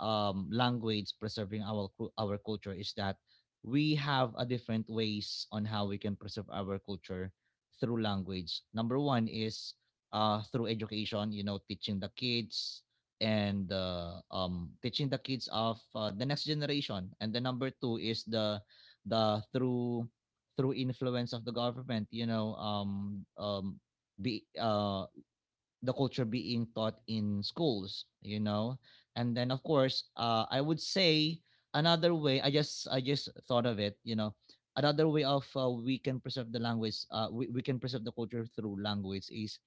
Speaker 1: um, language preserving our culture, is that we have a different ways on how we can preserve our culture through language. Number one is through education, you know, teaching the kids, and teaching the kids of the next generation. And the number two is the the through through influence of the government, you know, be the culture being taught in schools, you know. And then of course, I would say another way, I just thought of it, you know, another way of, we can preserve the language, we can preserve the culture through language is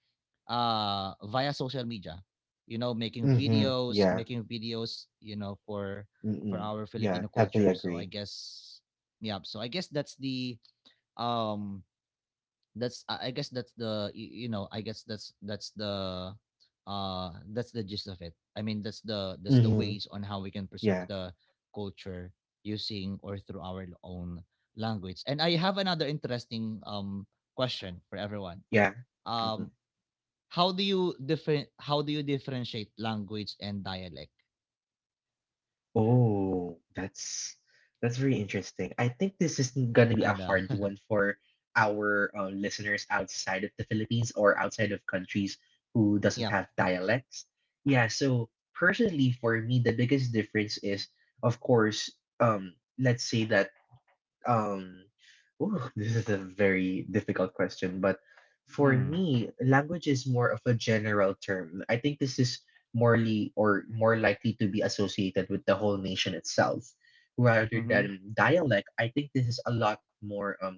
Speaker 1: via social media, you know,
Speaker 2: Hmm. Yeah.
Speaker 1: making videos, you know, for
Speaker 2: Mm-mm.
Speaker 1: our
Speaker 2: Yeah.
Speaker 1: Filipino
Speaker 2: Heavily
Speaker 1: culture. So I
Speaker 2: agree.
Speaker 1: guess yeah, so I guess that's the, um that's I guess that's the, you know, I guess that's the uh that's the gist of it. I mean, that's the
Speaker 2: Hmm.
Speaker 1: ways on how we can preserve
Speaker 2: Yeah.
Speaker 1: the culture using or through our own language. And I have another interesting question for everyone.
Speaker 2: Yeah. Hmm.
Speaker 1: um how do you different how do you differentiate language and dialect?
Speaker 2: Oh, that's that's very interesting. I think this is gonna be
Speaker 1: I
Speaker 2: a
Speaker 1: know.
Speaker 2: hard one for our listeners outside of the Philippines or outside of countries who doesn't
Speaker 1: Yeah.
Speaker 2: have dialects. Yeah, so personally for me, the biggest difference is, of course, let's say that um, ooh, this is a very difficult question, but for
Speaker 1: Mm.
Speaker 2: me, language is more of a general term. I think this is morely or more likely to be associated with the whole nation itself, rather
Speaker 1: Mm-hmm.
Speaker 2: than dialect. I think this is a lot more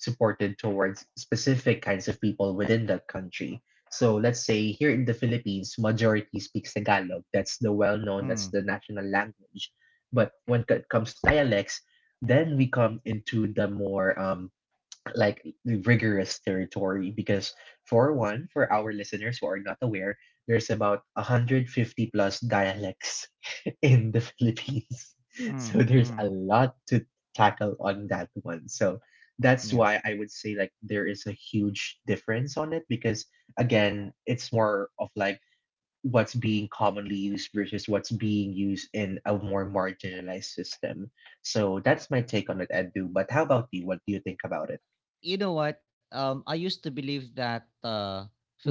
Speaker 2: supported towards specific kinds of people within the country. So let's say here in the Philippines, majority speaks Tagalog. That's the well-known, that's
Speaker 1: Mm.
Speaker 2: the national language. But when it comes to dialects, then we come into the more like rigorous territory because for one, for our listeners who are not aware, there's about 150 plus dialects in the Philippines. So
Speaker 1: Mm.
Speaker 2: there's a lot to tackle on that one. So that's
Speaker 1: Mm.
Speaker 2: why I would say like there is a huge difference on it because again, it's more of like what's being commonly used versus what's being used in a more marginalized system. So that's my take on it, Edu. But how about you? What do you think about it?
Speaker 1: You know what? I used to believe that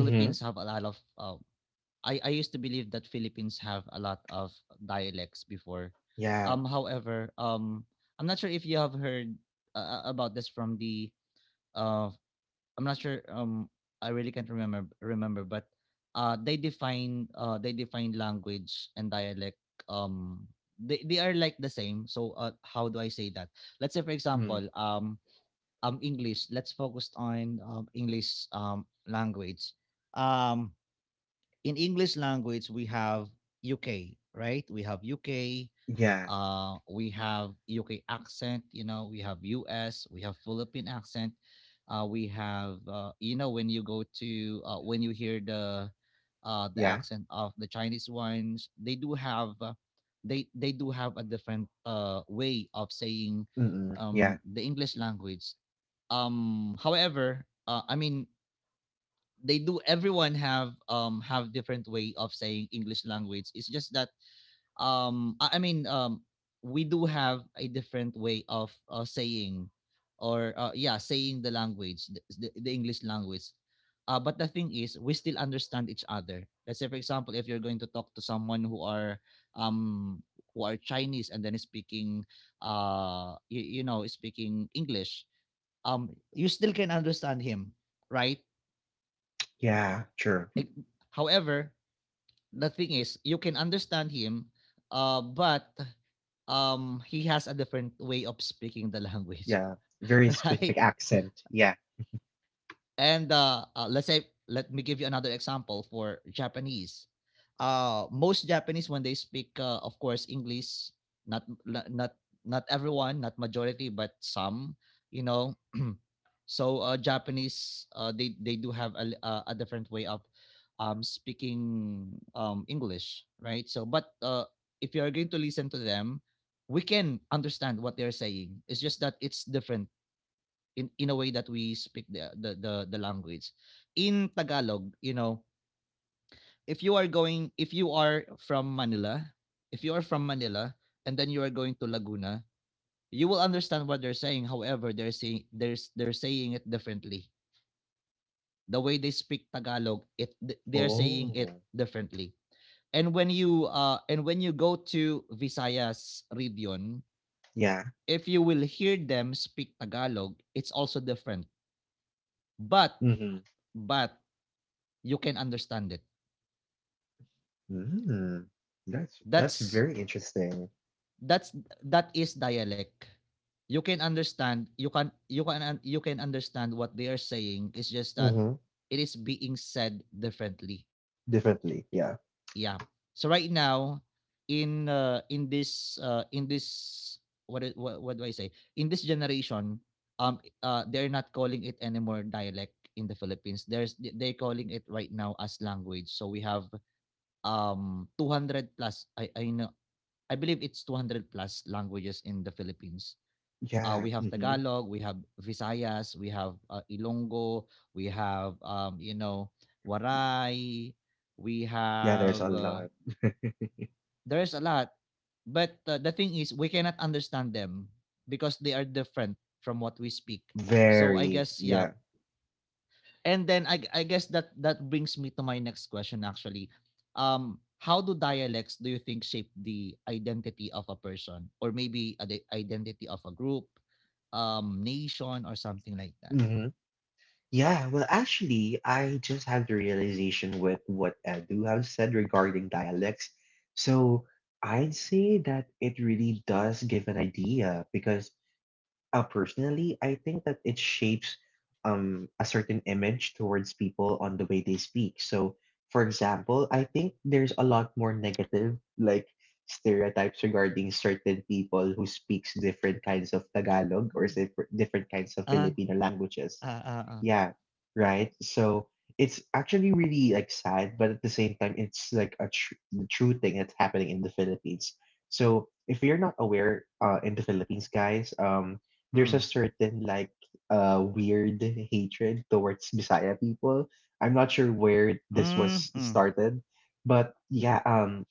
Speaker 2: Mm-hmm.
Speaker 1: have a lot of. I used to believe that Philippines have a lot of dialects before.
Speaker 2: Yeah.
Speaker 1: However, I'm not sure if you have heard about this from the. Uh, I'm not sure. I really can't remember, but they define language and dialect. Um, they are like the same. So, how do I say that? Let's say for example,
Speaker 2: Mm.
Speaker 1: English, let's focus on, English language. Um in English language we have UK, right? We have UK,
Speaker 2: Yeah.
Speaker 1: we have UK accent, you know, we have US, we have Philippine accent. We have, you know, when you go to, when you hear the
Speaker 2: Yeah.
Speaker 1: accent of the Chinese ones, they do have, they do have a different way of saying
Speaker 2: Mm-mm. Yeah.
Speaker 1: the English language. Um, however, I mean, they do. Everyone have different way of saying English language. It's just that, I mean, we do have a different way of, saying, or yeah, saying the language, the English language. But the thing is, we still understand each other. Let's say, for example, if you're going to talk to someone um who are Chinese, and then is speaking, you know, is speaking English, you still can understand him, right?
Speaker 2: Yeah. Sure.
Speaker 1: Eh, however, the thing is you can understand him, but he has a different way of speaking the language.
Speaker 2: Yeah. Very specific
Speaker 1: Right.
Speaker 2: accent. Yeah.
Speaker 1: And let's say, let me give you another example for Japanese. Uh, most Japanese, when they speak, of course, English, not not not everyone, not majority, but some, you know. So, Japanese, they do have a a different way of, speaking, English, right? So, but if you are going to listen to them, we can understand what they're saying. It's just that it's different in a way that we speak the, the language. In Tagalog, you know, if you are going, if you are from Manila, if you are from Manila, and then you are going to Laguna, you will understand what they're saying. However, they're they're saying it differently, the way they speak Tagalog, they're saying
Speaker 2: Oh.
Speaker 1: it differently. And when you go to Visayas region,
Speaker 2: Yeah.
Speaker 1: if you will hear them speak Tagalog, it's also different. But
Speaker 2: Hmm.
Speaker 1: but you can understand it.
Speaker 2: Mm. That's
Speaker 1: That's
Speaker 2: very interesting.
Speaker 1: that's that is dialect. You can understand, you can understand what they are saying. It's just that
Speaker 2: Hmm.
Speaker 1: it is being said differently.
Speaker 2: Definitely. Yeah.
Speaker 1: Yeah. So right now, in in this what, is, what do I say? In this generation, they're not calling it anymore dialect in the Philippines. Are calling it right now as language. So we have 200 plus. I believe it's 200 plus languages in the Philippines.
Speaker 2: Yeah.
Speaker 1: We have
Speaker 2: Hmm.
Speaker 1: Tagalog, we have Visayas, we have, Ilonggo, we have, you know, Waray, we
Speaker 2: Yeah, there's a
Speaker 1: have
Speaker 2: lot.
Speaker 1: there's a lot. But the thing is, we cannot understand them because they are different from what we speak. So I
Speaker 2: Very.
Speaker 1: guess yeah.
Speaker 2: Yeah.
Speaker 1: And then, I guess that that brings me to my next question, actually. Um, how do dialects, do you think, shape the identity of a person, or maybe, the identity of a group, nation or something like that?
Speaker 2: Hmm. Yeah. Well, actually, I just had the realization with what Edu have said regarding dialects. So I'd say that it really does give an idea because uh, personally, I think that it shapes a certain image towards people on the way they speak. So, for example, I think there's a lot more negative, like stereotypes regarding certain people who speaks different kinds of Tagalog or
Speaker 1: Mm.
Speaker 2: sif- different kinds of
Speaker 1: uh
Speaker 2: Filipino languages.
Speaker 1: uh uh, uh.
Speaker 2: Yeah, right. So it's actually really like sad, but at the same time, it's like a tr the true thing that's happening in the Philippines. So if you're not aware, in the Philippines, guys, there's a
Speaker 1: Mm.
Speaker 2: certain like weird hatred towards Bisaya people. I'm not sure where this
Speaker 1: Mm,
Speaker 2: was
Speaker 1: mm.
Speaker 2: started, but yeah,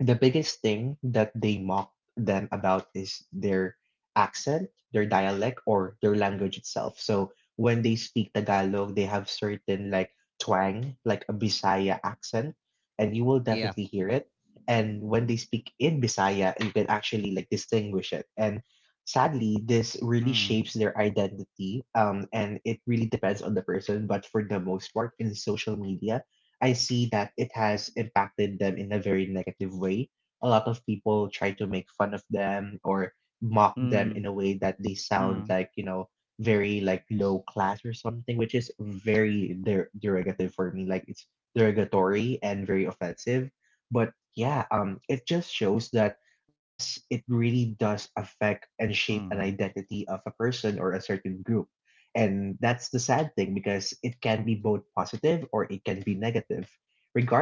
Speaker 2: the biggest thing that they mock them about is their accent, their dialect, or their language itself. So when they speak Tagalog, they have certain like twang, like a Bisaya accent, and you will
Speaker 1: Yeah.
Speaker 2: definitely hear it. And when they speak in Bisaya, you can actually like distinguish it. And sadly, this really
Speaker 1: Mm.
Speaker 2: shapes their identity. And it really depends on the person. But for the most part, in social media, I see that it has impacted them in a very negative way. A lot of people try to make fun of them or mock them
Speaker 1: Mm.
Speaker 2: in a way that they sound
Speaker 1: Mm.
Speaker 2: like very like low class or something, which is very der- derogative for me. Like it's derogatory and very offensive. But yeah, it just shows that yes, it really does affect and shape an
Speaker 1: Mm.
Speaker 2: identity of a person or a certain group. And that's the sad thing because it can be both positive or it can be negative.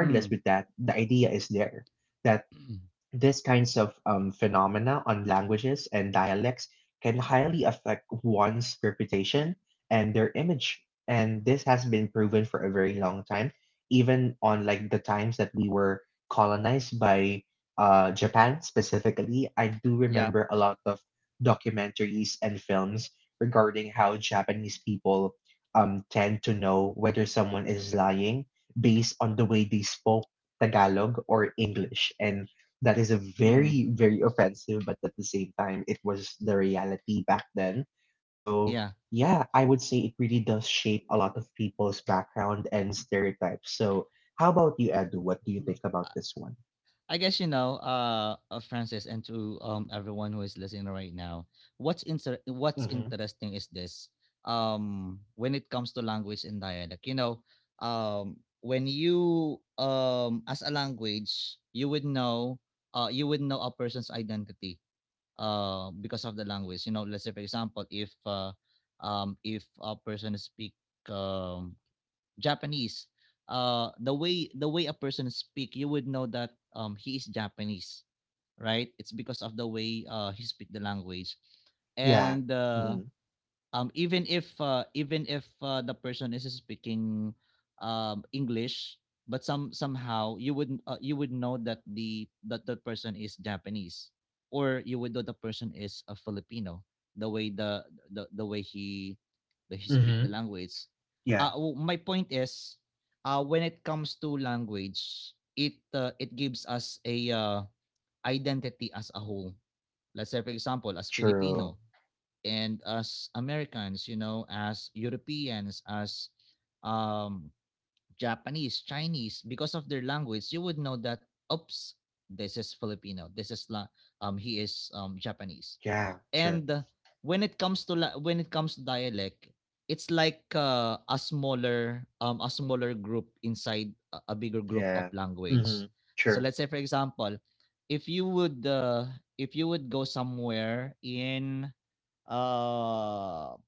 Speaker 1: Mm.
Speaker 2: with that, the idea is there that these kinds of phenomena on languages and dialects can highly affect one's reputation and their image. And this has been proven for a very long time, even on like the times that we were colonized by Japan specifically. I do
Speaker 1: Yeah.
Speaker 2: remember a lot of documentaries and films regarding how Japanese people tend to know whether someone is lying based on the way they spoke Tagalog or English. And that is a
Speaker 1: Hmm.
Speaker 2: very, very offensive, but at the same time, it was the reality back then. So,
Speaker 1: Yeah.
Speaker 2: yeah, I would say it really does shape a lot of people's background and stereotypes. So, how about you, Edu? What do you think about
Speaker 1: I
Speaker 2: this one?
Speaker 1: I guess Francis, and to everyone who is listening right now, what's
Speaker 2: Hmm.
Speaker 1: interesting is this. When it comes to language and dialect, when you as a language, you would know a person's identity, because of the language. You know, let's say for example, if a person speak um Japanese, the way a person speak, you would know that he is Japanese, right? It's because of the way he speak the language,
Speaker 2: Yeah.
Speaker 1: and
Speaker 2: Mm.
Speaker 1: even if the person is speaking english but somehow you would know that the person is japanese or you would know the person is a filipino the way the way he speak
Speaker 2: Mm-hmm.
Speaker 1: the language
Speaker 2: Yeah.
Speaker 1: my point is when it comes to language it gives us a identity as a whole. Let's say for example as
Speaker 2: True.
Speaker 1: filipino and as Americans, you know, as Europeans, as um, Japanese, Chinese, because of their language, you would know that oops, this is Filipino. He is Japanese.
Speaker 2: Yeah. True.
Speaker 1: And when it comes to dialect, it's like a smaller group inside a bigger group of
Speaker 2: Yeah.
Speaker 1: language.
Speaker 2: Mm-hmm.
Speaker 1: So
Speaker 2: True.
Speaker 1: let's say for example, if you would uh, if you would go somewhere in uh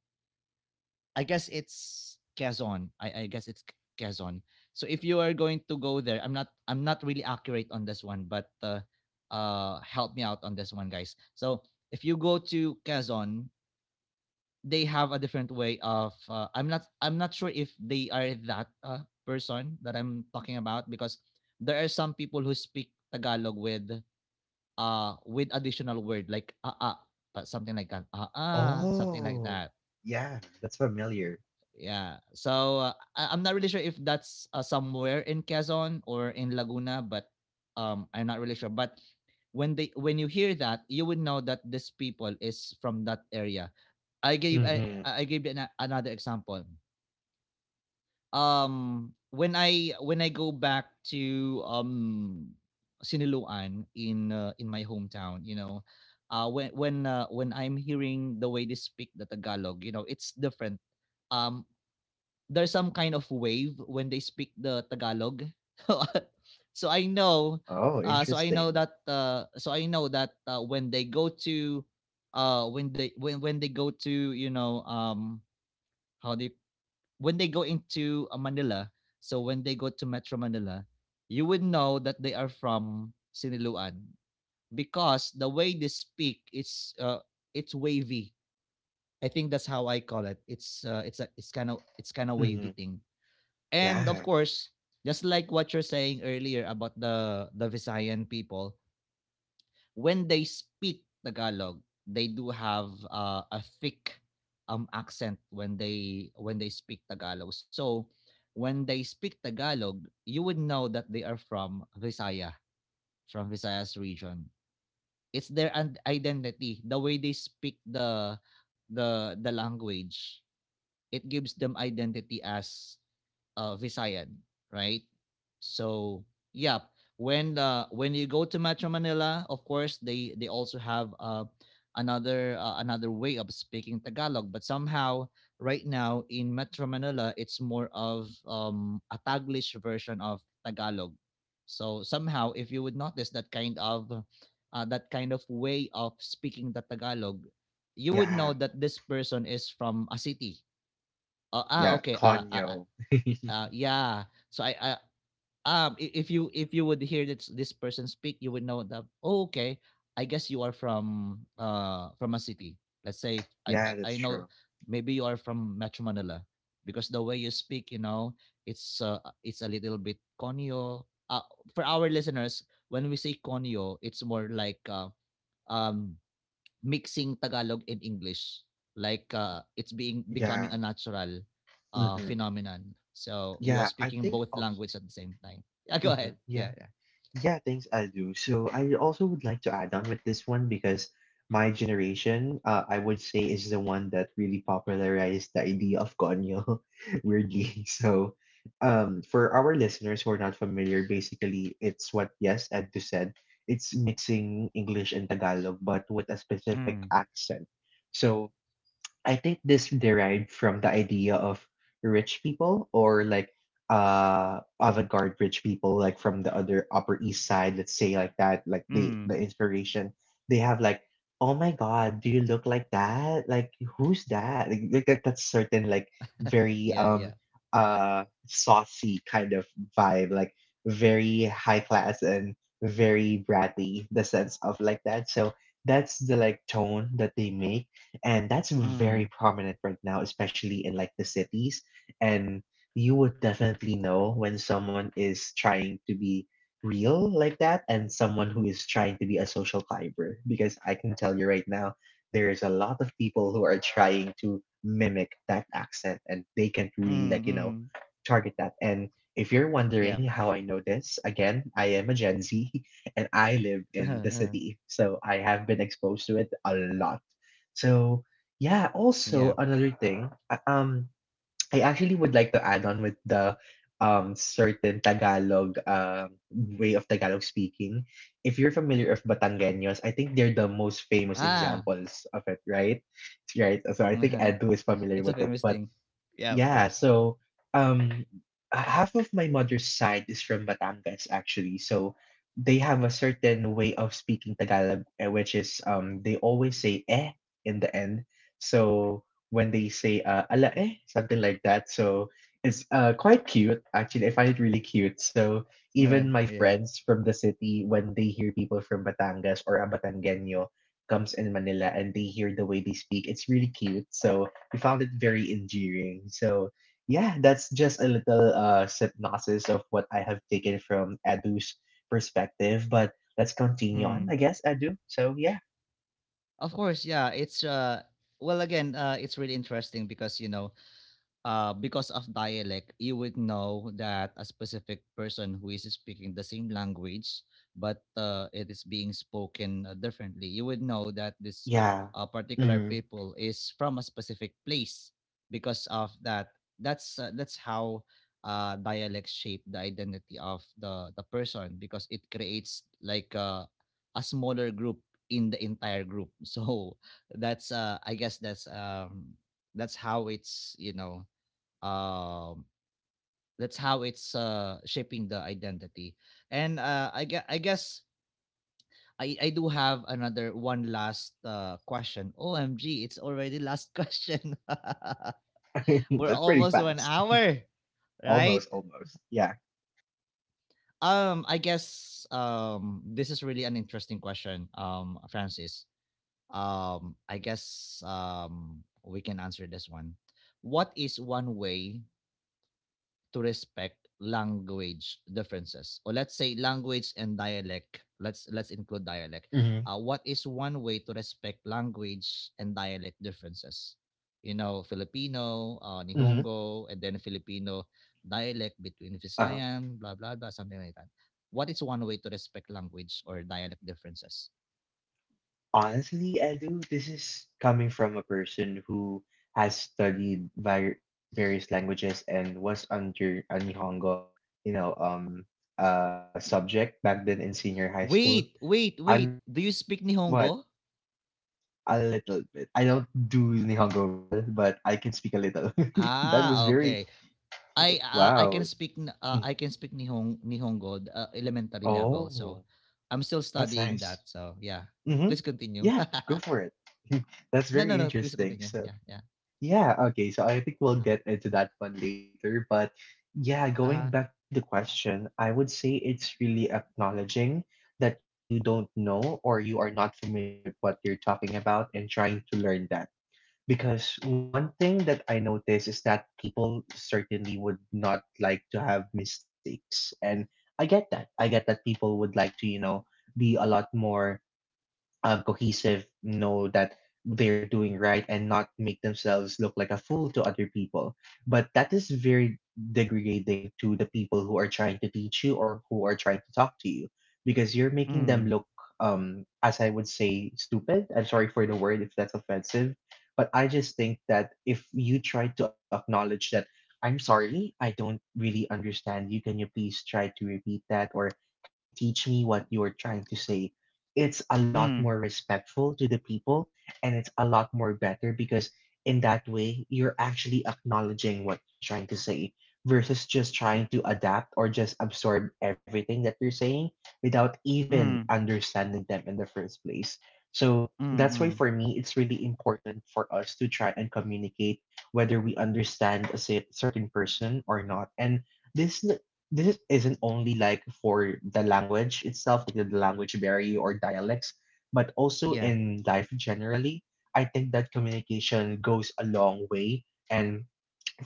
Speaker 1: I guess it's Quezon. I guess it's Quezon. So if you are going to go there, I'm not really accurate on this one, but help me out on this one, guys. So if you go to Quezon, they have a different way of I'm not sure if they are that person that I'm talking about because there are some people who speak Tagalog with additional word like ah ah, but something like that, ah ah something like
Speaker 2: Oh,
Speaker 1: that.
Speaker 2: yeah. That's familiar.
Speaker 1: Yeah. So I'm not really sure if that's somewhere in Quezon or in Laguna, but I'm not really sure. But when you hear that, you would know that this people is from that area.
Speaker 2: Mm-hmm.
Speaker 1: I gave an, another example. When I go back to Siniluan in my hometown, you know, when I'm hearing the way they speak the Tagalog, you know, it's different. um there's some kind of wave when they speak the Tagalog. So I know,
Speaker 2: Oh, interesting.
Speaker 1: so I know that when they go to you know how they when they go into Manila, so when they go to Metro Manila, you would know that they are from Siniluan because the way they speak is it's wavy. I think that's how I call it. It's kind of
Speaker 2: Mm-hmm.
Speaker 1: wavy thing. And of
Speaker 2: Yeah.
Speaker 1: course, just like what you're saying earlier about the Visayan people, when they speak Tagalog, they do have a thick accent when they speak Tagalog. So when they speak Tagalog, you would know that they are from Visaya, from Visayas region. Identity, the way they speak the language. It gives them identity as Visayan, right? So yeah, when you go to Metro Manila, of course they also have another way of speaking Tagalog, but somehow right now in Metro Manila it's more of a Taglish version of Tagalog. So somehow, if you would notice that kind of way of speaking the Tagalog, you would
Speaker 2: Yeah.
Speaker 1: know that this person is from a city. Ah,
Speaker 2: Yeah.
Speaker 1: okay. Ah, ah, ah,
Speaker 2: Conyo.
Speaker 1: yeah. So if you would hear this person speak, you would know that oh, okay, I guess you are from a city. Let's say if,
Speaker 2: Yeah, that's
Speaker 1: I know
Speaker 2: true.
Speaker 1: maybe you are from Metro Manila because the way you speak, you know, it's a little bit conyo. Uh, for our listeners, when we say conyo, it's more like um mixing Tagalog and English. Like it's being becoming a
Speaker 2: Yeah.
Speaker 1: natural
Speaker 2: Hmm.
Speaker 1: phenomenon. So you are
Speaker 2: Yeah, I
Speaker 1: speaking
Speaker 2: think
Speaker 1: both
Speaker 2: also.
Speaker 1: language at the same time. Yeah, go ahead.
Speaker 2: Hmm.
Speaker 1: Yeah,
Speaker 2: Yeah.
Speaker 1: yeah.
Speaker 2: Yeah, thanks, I do. So I also would like to add on with this one because my generation, I would say, is the one that really popularized the idea of Gonyo, weirdly. So for our listeners who are not familiar, basically, it's what, yes, Edu said. It's mixing English and Tagalog, but with a
Speaker 1: Mm.
Speaker 2: specific accent. So I think this derived from the idea of rich people or like avant-garde rich people like from the other Upper East Side, let's say like that, like the
Speaker 1: Mm.
Speaker 2: the inspiration. They have like, oh my God, do you look like that? Like who's that? Like, that's certain like very
Speaker 1: Yeah, yeah.
Speaker 2: saucy kind of vibe, like very high class and very bratty, the sense of like that. So that's the like tone that they make, and that's very
Speaker 1: Mm.
Speaker 2: prominent right now, especially in like the cities. And you would definitely know when someone is trying to be real like that and someone who is trying to be a social climber because I can tell you right now there is a lot of people who are trying to mimic that accent and they can't really like
Speaker 1: Mm, mm.
Speaker 2: target that. And if you're
Speaker 1: Yeah.
Speaker 2: wondering how I know this, again, I am a Gen Z. And I live in the city, so I have been exposed to it a lot. So yeah,
Speaker 1: Yeah.
Speaker 2: also another thing, I actually would like to add on with the certain Tagalog way of Tagalog speaking. If you're familiar of Batangueños, I think they're the most famous
Speaker 1: Ah.
Speaker 2: examples of it, right? Right. So I think Edu is familiar
Speaker 1: It's a
Speaker 2: with it.
Speaker 1: famous
Speaker 2: But
Speaker 1: thing. Yeah, of
Speaker 2: yeah,
Speaker 1: course.
Speaker 2: so um h- half of my mother's side is from Batangas actually. So they have a certain way of speaking Tagalog eh, which is they always say eh in the end. So when they say ala eh something like that. So it's quite cute actually. I find it really cute. So even my
Speaker 1: Yeah.
Speaker 2: friends from the city, when they hear people from Batangas or a Batanggenyo comes in Manila and they hear the way they speak, it's really cute. So we found it very endearing. So yeah, that's just a little synopsis of what I have taken from Edu's perspective. But let's continue on,
Speaker 1: Mm.
Speaker 2: I guess, Edu. So yeah,
Speaker 1: Of course, yeah. It's Well again, it's really interesting because you know, because of dialect, you would know that a specific person who is speaking the same language, but it is being spoken differently. You would know that this
Speaker 2: yeah,
Speaker 1: particular
Speaker 2: hmm.
Speaker 1: people is from a specific place because of that. That's how dialect shape the identity of the person because it creates like a smaller group in the entire group. So that's I guess that's how it's you know um that's how it's shaping the identity. And I guess I do have another one last question. Omg, it's already last question. We're
Speaker 2: That's pretty
Speaker 1: almost to an
Speaker 2: fast.
Speaker 1: hour, right?
Speaker 2: Almost, almost. Yeah.
Speaker 1: This is really an interesting question, Francis. We can answer this one. What is one way to respect language differences? Or let's say language and dialect, let's include dialect.
Speaker 2: Hmm,
Speaker 1: Uh, what is one way to respect language and dialect differences? You know, filipino,
Speaker 2: hmm.
Speaker 1: nihongo and then filipino dialect between
Speaker 2: Uh-huh.
Speaker 1: visayan blah blah blah something like that. What is one way to respect language or dialect differences?
Speaker 2: Honestly, Edu, this is coming from a person who has studied various languages and was under a Nihongo, you know, um, subject back then in senior high school.
Speaker 1: wait wait
Speaker 2: I'm
Speaker 1: wait do you speak
Speaker 2: what?
Speaker 1: nihongo?
Speaker 2: A little bit. I don't do Nihongo well, but I can speak a little. That was
Speaker 1: Ah,
Speaker 2: very
Speaker 1: okay.
Speaker 2: wow.
Speaker 1: I
Speaker 2: Mm.
Speaker 1: can speak Nihongo, elementary level. So
Speaker 2: Oh,
Speaker 1: I'm still
Speaker 2: that's
Speaker 1: studying
Speaker 2: nice.
Speaker 1: that. So yeah, please
Speaker 2: Mm-hmm.
Speaker 1: continue.
Speaker 2: Yeah, go for it. That's
Speaker 1: No, no,
Speaker 2: very
Speaker 1: no. Please
Speaker 2: interesting.
Speaker 1: continue.
Speaker 2: So,
Speaker 1: Yeah, yeah.
Speaker 2: yeah, okay. So I think
Speaker 1: Uh-huh.
Speaker 2: we'll get into that one later, but yeah,
Speaker 1: Uh-huh.
Speaker 2: going back to the question, I would say it's really acknowledging that you don't know or you are not familiar with what you're talking about and trying to learn that. Because one thing that I notice is that people certainly would not like to have mistakes. And I get that. I get that people would like to, you know, be a lot more cohesive, know that they're doing right and not make themselves look like a fool to other people. But that is very degrading to the people who are trying to teach you or who are trying to talk to you because you're making them
Speaker 1: Mm,
Speaker 2: look, as I would say, stupid. I'm sorry for the word if that's offensive, but I just think that if you try to acknowledge that. I'm sorry, I don't really understand you. Can you please try to repeat that? Or can you teach me what you're trying to say? It's a lot
Speaker 1: mm,
Speaker 2: more respectful to the people and it's a lot more better because in that way you're actually acknowledging what you're trying to say versus just trying to adapt or just absorb everything that they're saying without even
Speaker 1: mm,
Speaker 2: understanding them in the first place. So
Speaker 1: mm,
Speaker 2: that's why
Speaker 1: mm.
Speaker 2: for me it's really important for us to try and communicate whether we understand a certain person or not. And this isn't only like for the language itself, like the language barrier or dialects, but also
Speaker 1: Yeah,
Speaker 2: in life generally. I think that communication goes a long way and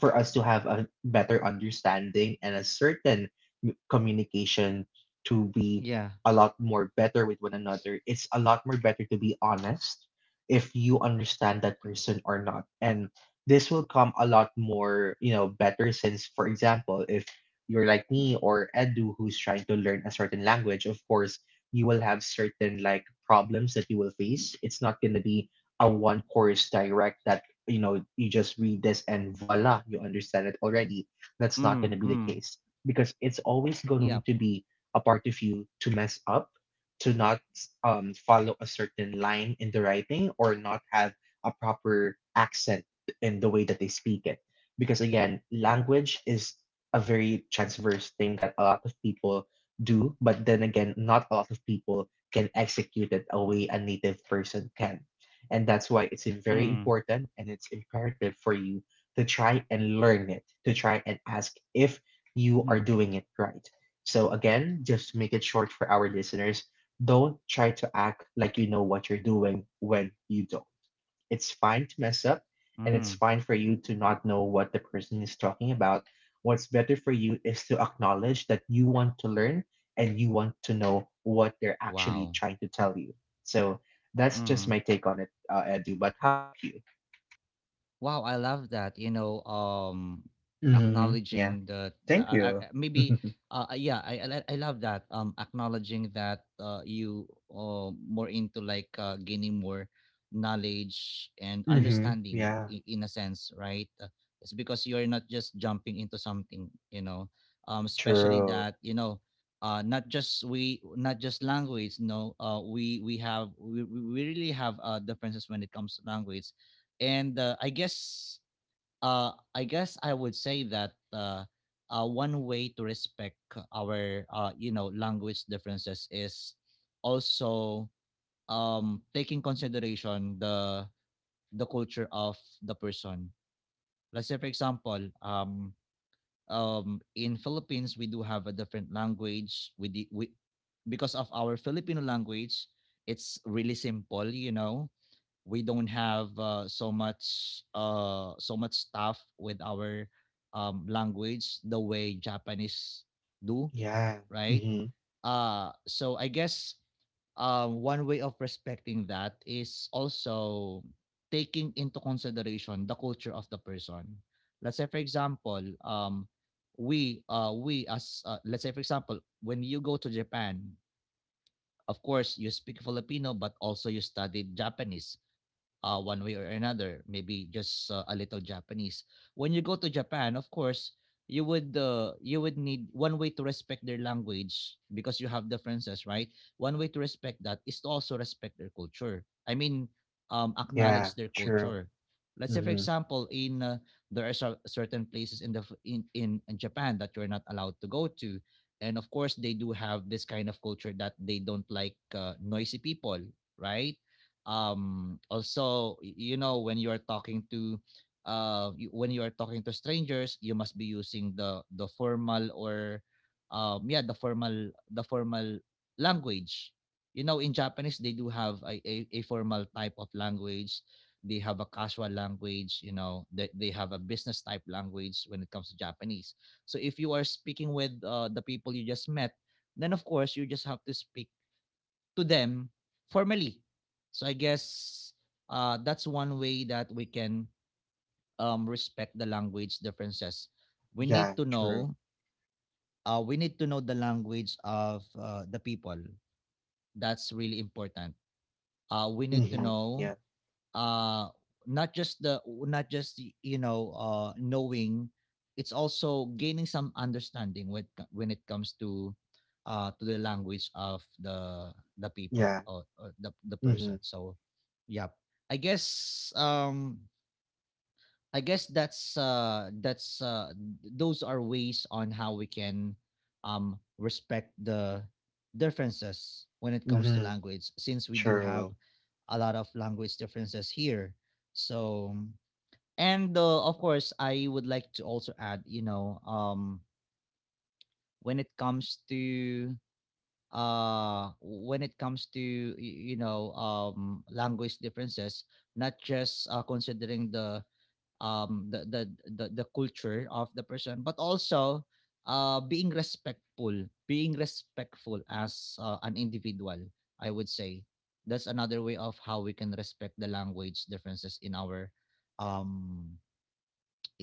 Speaker 2: for us to have a better understanding and a certain communication to be
Speaker 1: yeah.
Speaker 2: a lot more better with one another. It's a lot more better to be honest if you understand that person or not. And this will come a lot more, you know, better since, for example, if you're like me or Edu who's trying to learn a certain language, of course, you will have certain like problems that you will face. It's not going to be a one course direct, you know, you just read this and voila, you understand it already. That's not going to
Speaker 1: Mm,
Speaker 2: be the
Speaker 1: mm.
Speaker 2: case because it's always
Speaker 1: Yep.
Speaker 2: going to be a part of you to mess up, to not follow a certain line in the writing, or not have a proper accent in the way that they speak it. Because again, language is a very transverse thing that a lot of people do, but then again, not a lot of people can execute it a way a native person can. And that's why it's very
Speaker 1: Mm,
Speaker 2: important and it's imperative for you to try and learn it, to try and ask if you
Speaker 1: mm,
Speaker 2: are doing it right. So, again, just to make it short for our listeners, don't try to act like you know what you're doing when you don't. It's fine to mess up, and
Speaker 1: mm-hmm.
Speaker 2: it's fine for you to not know what the person is talking about. What's better for you is to acknowledge that you want to learn and you want to know what they're actually
Speaker 1: Wow.
Speaker 2: trying to tell you. So that's just my take on it, Edu. But how about you?
Speaker 1: Wow, I love that. You know,
Speaker 2: Mm-hmm. Yeah.
Speaker 1: acknowledging that
Speaker 2: Thank you.
Speaker 1: maybe, yeah, I love that. Acknowledging that you more into like gaining more knowledge and
Speaker 2: Mm-hmm.
Speaker 1: understanding
Speaker 2: Yeah,
Speaker 1: in a sense, right? It's because you're not just jumping into something, you know, especially
Speaker 2: true.
Speaker 1: that you know. Not just we not just language, no. We really have differences when it comes to language. And I guess I would say that one way to respect our language differences is also taking consideration the culture of the person. Let's say for example in philippines we do have a different language. We, because of our filipino language, it's really simple, you know. We don't have so much stuff with our language the way Japanese do,
Speaker 2: Yeah.
Speaker 1: right?
Speaker 2: Mm-hmm.
Speaker 1: So I guess one way of respecting that is also taking into consideration the culture of the person. Let's say, for example, we as let's say, for example, when you go to Japan, of course you speak Filipino, but also you studied Japanese one way or another, maybe just a little Japanese. When you go to Japan, of course, you would need one way to respect their language because you have differences, right? One way to respect that is to also respect their culture. I mean,
Speaker 2: Yeah,
Speaker 1: acknowledge their
Speaker 2: true.
Speaker 1: culture. Let's say, for
Speaker 2: Mm-hmm.
Speaker 1: example, in there are certain places in in Japan that you're not allowed to go to, and of course they do have this kind of culture that they don't like noisy people, right? Um also, you know, when you're talking to when you are talking to strangers you must be using the formal or yeah the formal language. You know, in japanese they do have a formal type of language, they have a casual language, you know, they have a business type language when it comes to japanese. So if you are speaking with the people you just met, then of course you just have to speak to them formally. So I guess that's one way that we can respect the language differences. We
Speaker 2: Yeah,
Speaker 1: need to
Speaker 2: true.
Speaker 1: know. We need to know the language of the people. That's really important. We need to
Speaker 2: Mm-hmm. Yeah.
Speaker 1: know uh not just the knowing it's also gaining some understanding when when it comes to the language of the people
Speaker 2: Yeah.
Speaker 1: or the
Speaker 2: Mm-hmm.
Speaker 1: person. So yeah i guess um I guess that's those are ways on how we can respect the differences when it comes to
Speaker 2: Mm-hmm.
Speaker 1: language, since we do have
Speaker 2: True.
Speaker 1: a lot of language differences here. So and of course I would like to also add, when it comes to when it comes to language differences, not just considering the um the the the culture of the person, but also being respectful, being respectful as an individual. I would say that's another way of how we can respect the language differences um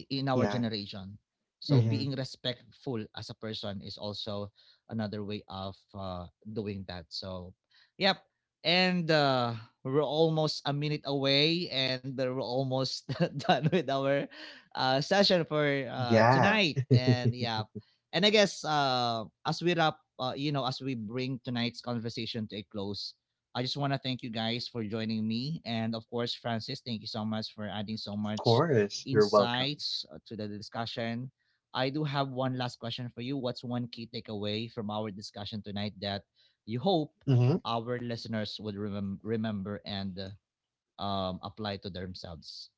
Speaker 1: in our
Speaker 2: Yeah.
Speaker 1: generation. So
Speaker 2: Mhm.
Speaker 1: being respectful as a person is also another way of doing that. So, yep. And we're almost a minute away, and we're almost done with our session for
Speaker 2: Yeah,
Speaker 1: tonight. And yeah, and I guess as we wrap, as we bring tonight's conversation to a close, I just want to thank you guys for joining me, and of course, Francis, thank you so much for adding so
Speaker 2: of
Speaker 1: much
Speaker 2: course. You're welcome.
Speaker 1: insights to the discussion. I do have one last question for you. What's one key takeaway from our discussion tonight that you hope
Speaker 2: Mhm.
Speaker 1: our listeners would remember and apply to themselves?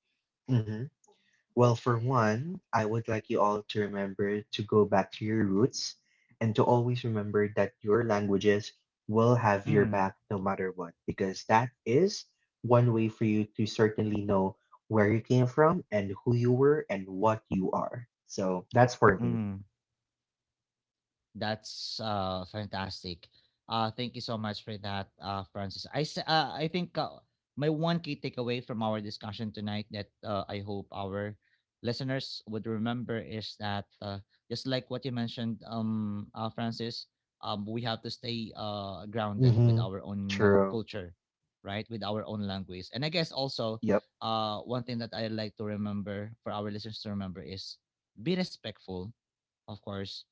Speaker 2: Mhm. Well, for one, I would like you all to remember to go back to your roots and to always remember that your languages will have your
Speaker 1: Mm,
Speaker 2: back no matter what, because that is one way for you to certainly know where you came from and who you were and what you are. So that's for me.
Speaker 1: mm. That's fantastic. Thank you so much for that, Francis. I think my one key takeaway from our discussion tonight that I hope our listeners would remember is that just like what you mentioned Francis, we have to stay grounded with
Speaker 2: Mhm.
Speaker 1: our own
Speaker 2: True.
Speaker 1: culture, right? With our own language. And I guess also
Speaker 2: Yep.
Speaker 1: one thing that I like to remember for our listeners to remember is be respectful, of course,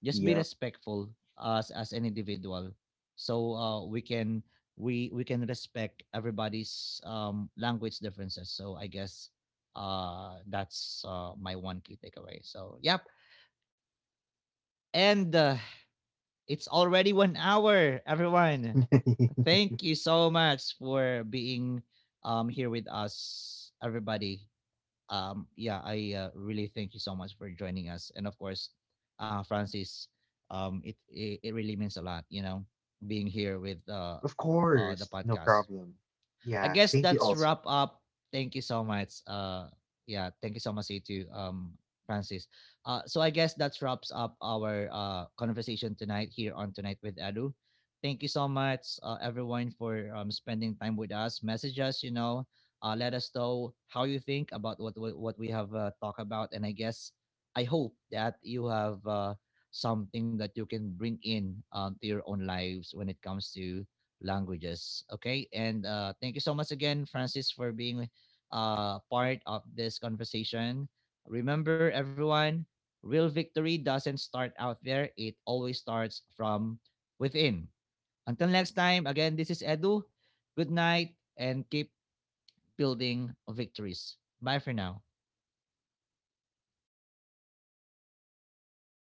Speaker 1: just be
Speaker 2: Yep.
Speaker 1: respectful as an individual. So we can we can respect everybody's language differences. So I guess that's my one key takeaway. So yep, and it's already 1 hour, everyone. Thank you so much for being here with us, everybody. Um, yeah, I really thank you so much for joining us, and of course, Francis, it really means a lot, you know, being here with
Speaker 2: Of
Speaker 1: the
Speaker 2: course, no
Speaker 1: podcast.
Speaker 2: problem.
Speaker 1: I
Speaker 2: Yeah,
Speaker 1: guess
Speaker 2: thank you
Speaker 1: that's
Speaker 2: also.
Speaker 1: wrap up. Thank you so much. Yeah, thank you so much, you too, Francis. So I guess that wraps up our conversation tonight here on Tonight with Edu. Thank you so much, everyone, for spending time with us. Message us, you know. Let us know how you think about what we have talked about, and I guess I hope that you have something that you can bring in to your own lives when it comes to languages. Okay, and thank you so much again, Francis, for being part of this conversation. Remember, everyone, real victory doesn't start out there, it always starts from within. Until next time, again, this is Edu. Good night and keep building victories. Bye for now.